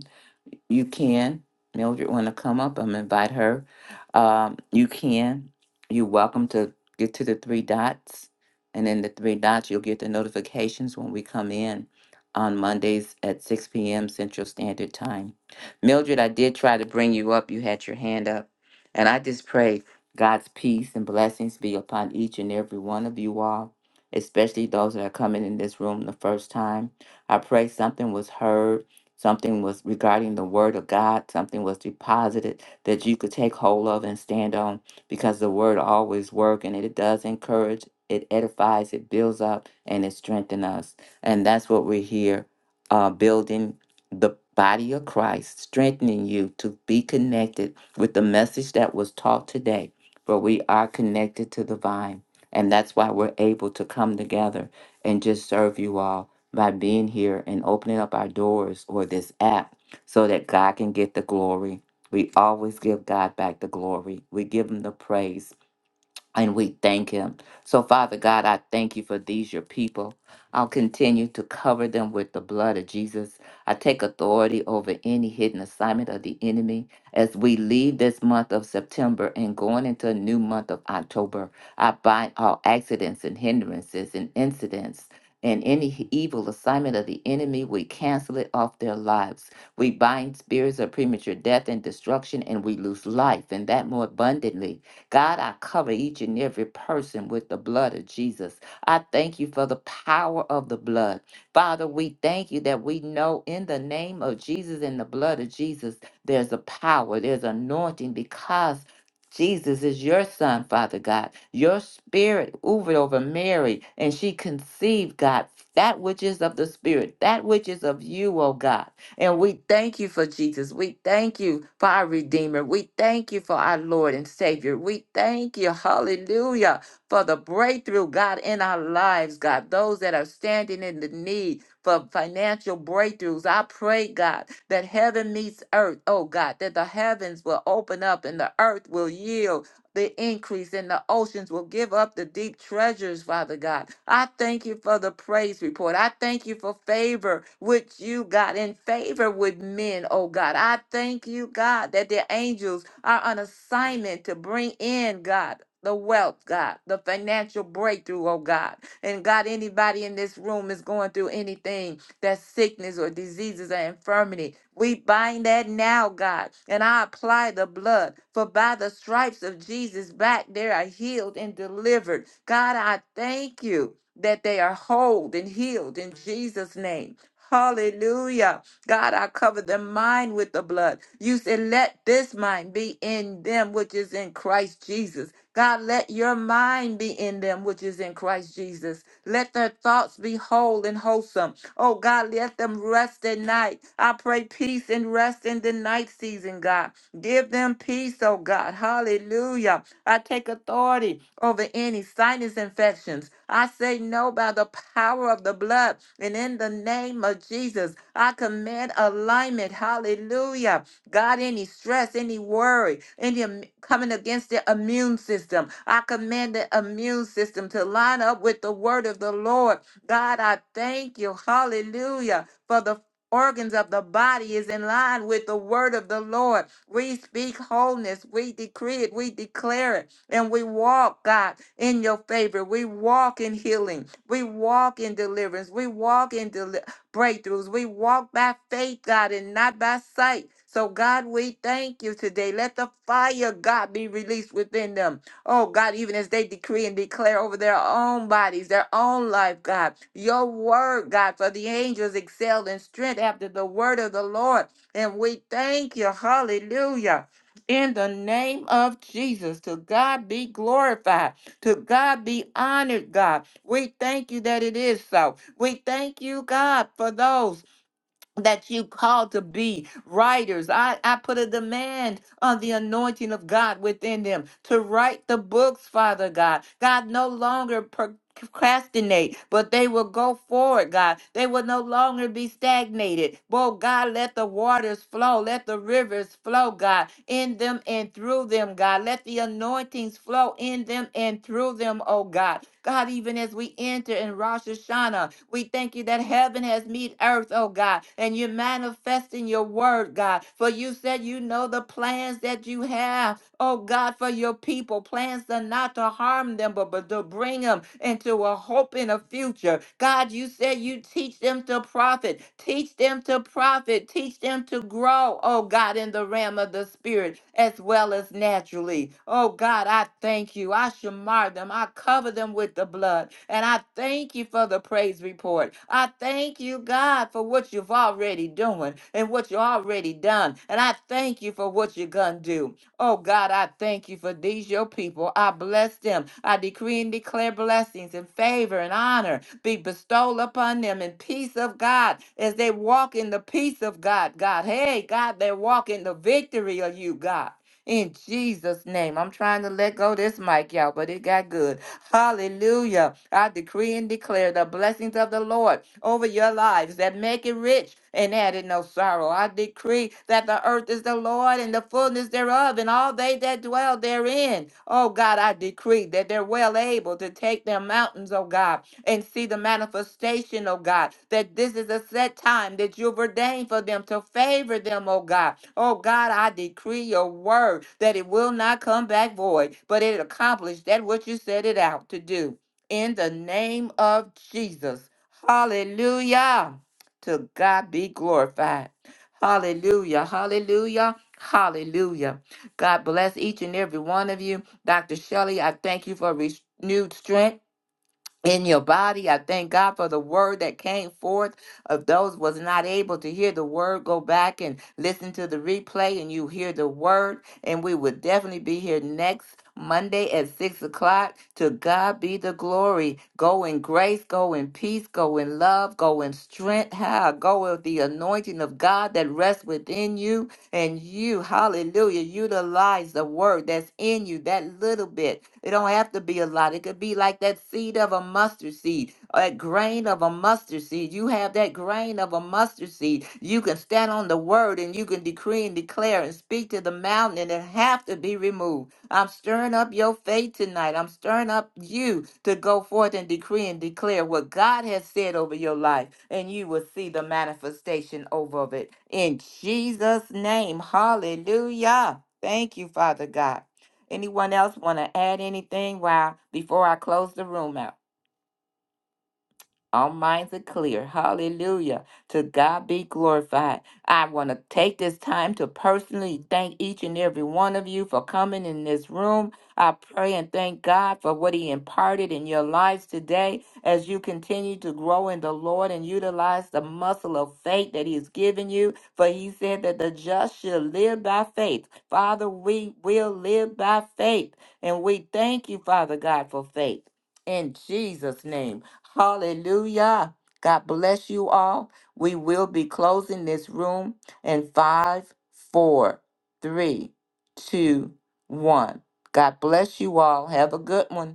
Speaker 1: You can. Mildred want to come up. I'm invite her. Um, you can. You're welcome to get to the three dots. And in the three dots, you'll get the notifications when we come in on Mondays at 6 p.m. Central Standard Time. Mildred, I did try to bring you up. You had your hand up. And I just pray God's peace and blessings be upon each and every one of you all, especially those that are coming in this room the first time. I pray something was heard something was regarding the word of God, something was deposited that you could take hold of and stand on because the word always works and it does encourage, it edifies, it builds up, and it strengthens us. And that's what we're here uh, building the body of Christ, strengthening you to be connected with the message that was taught today. For we are connected to the vine. And that's why we're able to come together and just serve you all by being here and opening up our doors or this app so that God can get the glory. We always give God back the glory. We give him the praise and we thank him. So, Father God, I thank you for these, your people. I'll continue to cover them with the blood of Jesus. I take authority over any hidden assignment of the enemy. As we leave this month of September and going into a new month of October, I bind all accidents and hindrances and incidents. And any evil assignment of the enemy, we cancel it off their lives. We bind spirits of premature death and destruction, and we lose life, and that more abundantly God, I cover each and every person with the blood of Jesus. I thank you for the power of the blood. Father, we thank you that we know in the name of Jesus and the blood of Jesus, there's a power, there's anointing because Jesus is your son, Father God. Your spirit hovered over Mary, and she conceived, God, that which is of the spirit, that which is of you, O God. And we thank you for Jesus. We thank you for our Redeemer. We thank you for our Lord and Savior. We thank you, hallelujah, for the breakthrough, God, in our lives, God. Those that are standing in the need for financial breakthroughs, I pray, God, that heaven meets earth, oh God, that the heavens will open up and the earth will yield the increase, and the oceans will give up the deep treasures, Father God. I thank you for the praise report. I thank you for favor which you got in favor with men, oh God. I thank you, God, that the angels are on assignment to bring in, God. The wealth, God, the financial breakthrough, oh God. And God, anybody in this room is going through anything that sickness or diseases or infirmity. We bind that now, God, and I apply the blood. For by the stripes of Jesus' back, they are healed and delivered. God, I thank you that they are whole and healed in Jesus' name. Hallelujah. God, I cover their mind with the blood. You said, let this mind be in them which is in Christ Jesus. God, let your mind be in them which is in Christ Jesus. Let their thoughts be whole and wholesome. Oh God, let them rest at night. I pray peace peace and rest in the night season, God. Give them peace, oh God. Hallelujah. I take authority over any sinus infections. I say no by the power of the blood. And in the name of Jesus, I command alignment. Hallelujah. God, any stress, any worry, any im- coming against the immune system, I command the immune system to line up with the word of the Lord. God, I thank you. Hallelujah. For the organs of the body is in line with the word of the Lord. We speak wholeness. We decree it. We declare it. And we walk, God, in your favor. We walk in healing. We walk in deliverance. We walk in deli- breakthroughs. We walk by faith, God, and not by sight. So, God, we thank you today. Let the fire, God, be released within them. Oh God, even as they decree and declare over their own bodies, their own life, God, your word, God, for the angels excel in strength after the word of the Lord. And we thank you. Hallelujah. In the name of Jesus, to God be glorified, to God be honored, God. We thank you that it is so. We thank you, God, for those that you called to be writers. I, I put a demand on the anointing of God within them to write the books, Father God. God no longer procrastinate, but they will go forward, God. They will no longer be stagnated. Oh God, let the waters flow. Let the rivers flow, God, in them and through them, God. Let the anointings flow in them and through them, oh God. God, even as we enter in Rosh Hashanah, we thank you that heaven has met earth, oh God, and you're manifesting your word, God. For you said you know the plans that you have oh God, for your people. Plans are not to harm them, but, but to bring them into a hope in a future. God, you said you teach them to profit, teach them to profit, teach them to grow, oh God, in the realm of the spirit as well as naturally. Oh God, I thank you. I shamar them, I cover them with the blood, and I thank you for the praise report. I thank you, God, for what you've already doing and what you already done, and I thank you for what you're gonna do. Oh God, I thank you for these your people. I bless them. I decree and declare blessings and favor and honor be bestowed upon them in peace of God as they walk in the peace of God. God, hey, God, they walk in the victory of you, God. In Jesus' name, I'm trying to let go this mic, y'all, but it got good. Hallelujah. I decree and declare the blessings of the Lord over your lives that make it rich and add it no sorrow. I decree that the earth is the Lord and the fullness thereof, and all they that dwell therein. Oh God, I decree that they're well able to take their mountains, oh God and see the manifestation, oh God, that this is a set time that you've ordained for them to favor them, oh God. Oh God, I decree your word that it will not come back void, but it accomplished that what you set it out to do. In the name of Jesus. Hallelujah. To God be glorified. Hallelujah. Hallelujah. Hallelujah. God bless each and every one of you. Dr. Shelley, I thank you for renewed strength in your body. I thank God for the word that came forth. Of those was not able to hear the word, go back and listen to the replay, and you hear the word. And we will definitely be here next Monday at six o'clock. To God be the glory. Go in grace, go in peace, go in love, go in strength. Ha, go with the anointing of God that rests within you and you, hallelujah, utilize the word that's in you, that little bit. It don't have to be a lot. It could be like that seed of a mustard seed, or that grain of a mustard seed. You have that grain of a mustard seed. You can stand on the word and you can decree and declare and speak to the mountain, and it have to be removed. I'm stirring up your faith tonight. I'm stirring up you to go forth and decree and declare what God has said over your life, and you will see the manifestation over of it. In Jesus' name, hallelujah. Thank you, Father God. Anyone else want to add anything while before I close the room out? All minds are clear. Hallelujah. To God be glorified. I want to take this time to personally thank each and every one of you for coming in this room. I pray and thank God for what He imparted in your lives today as you continue to grow in the Lord and utilize the muscle of faith that He has given you. For He said that the just shall live by faith. Father, we will live by faith. And we thank you, Father God, for faith in Jesus' name. Hallelujah. God bless you all. We will be closing this room in five, four, three, two, one. God bless you all. Have a good one.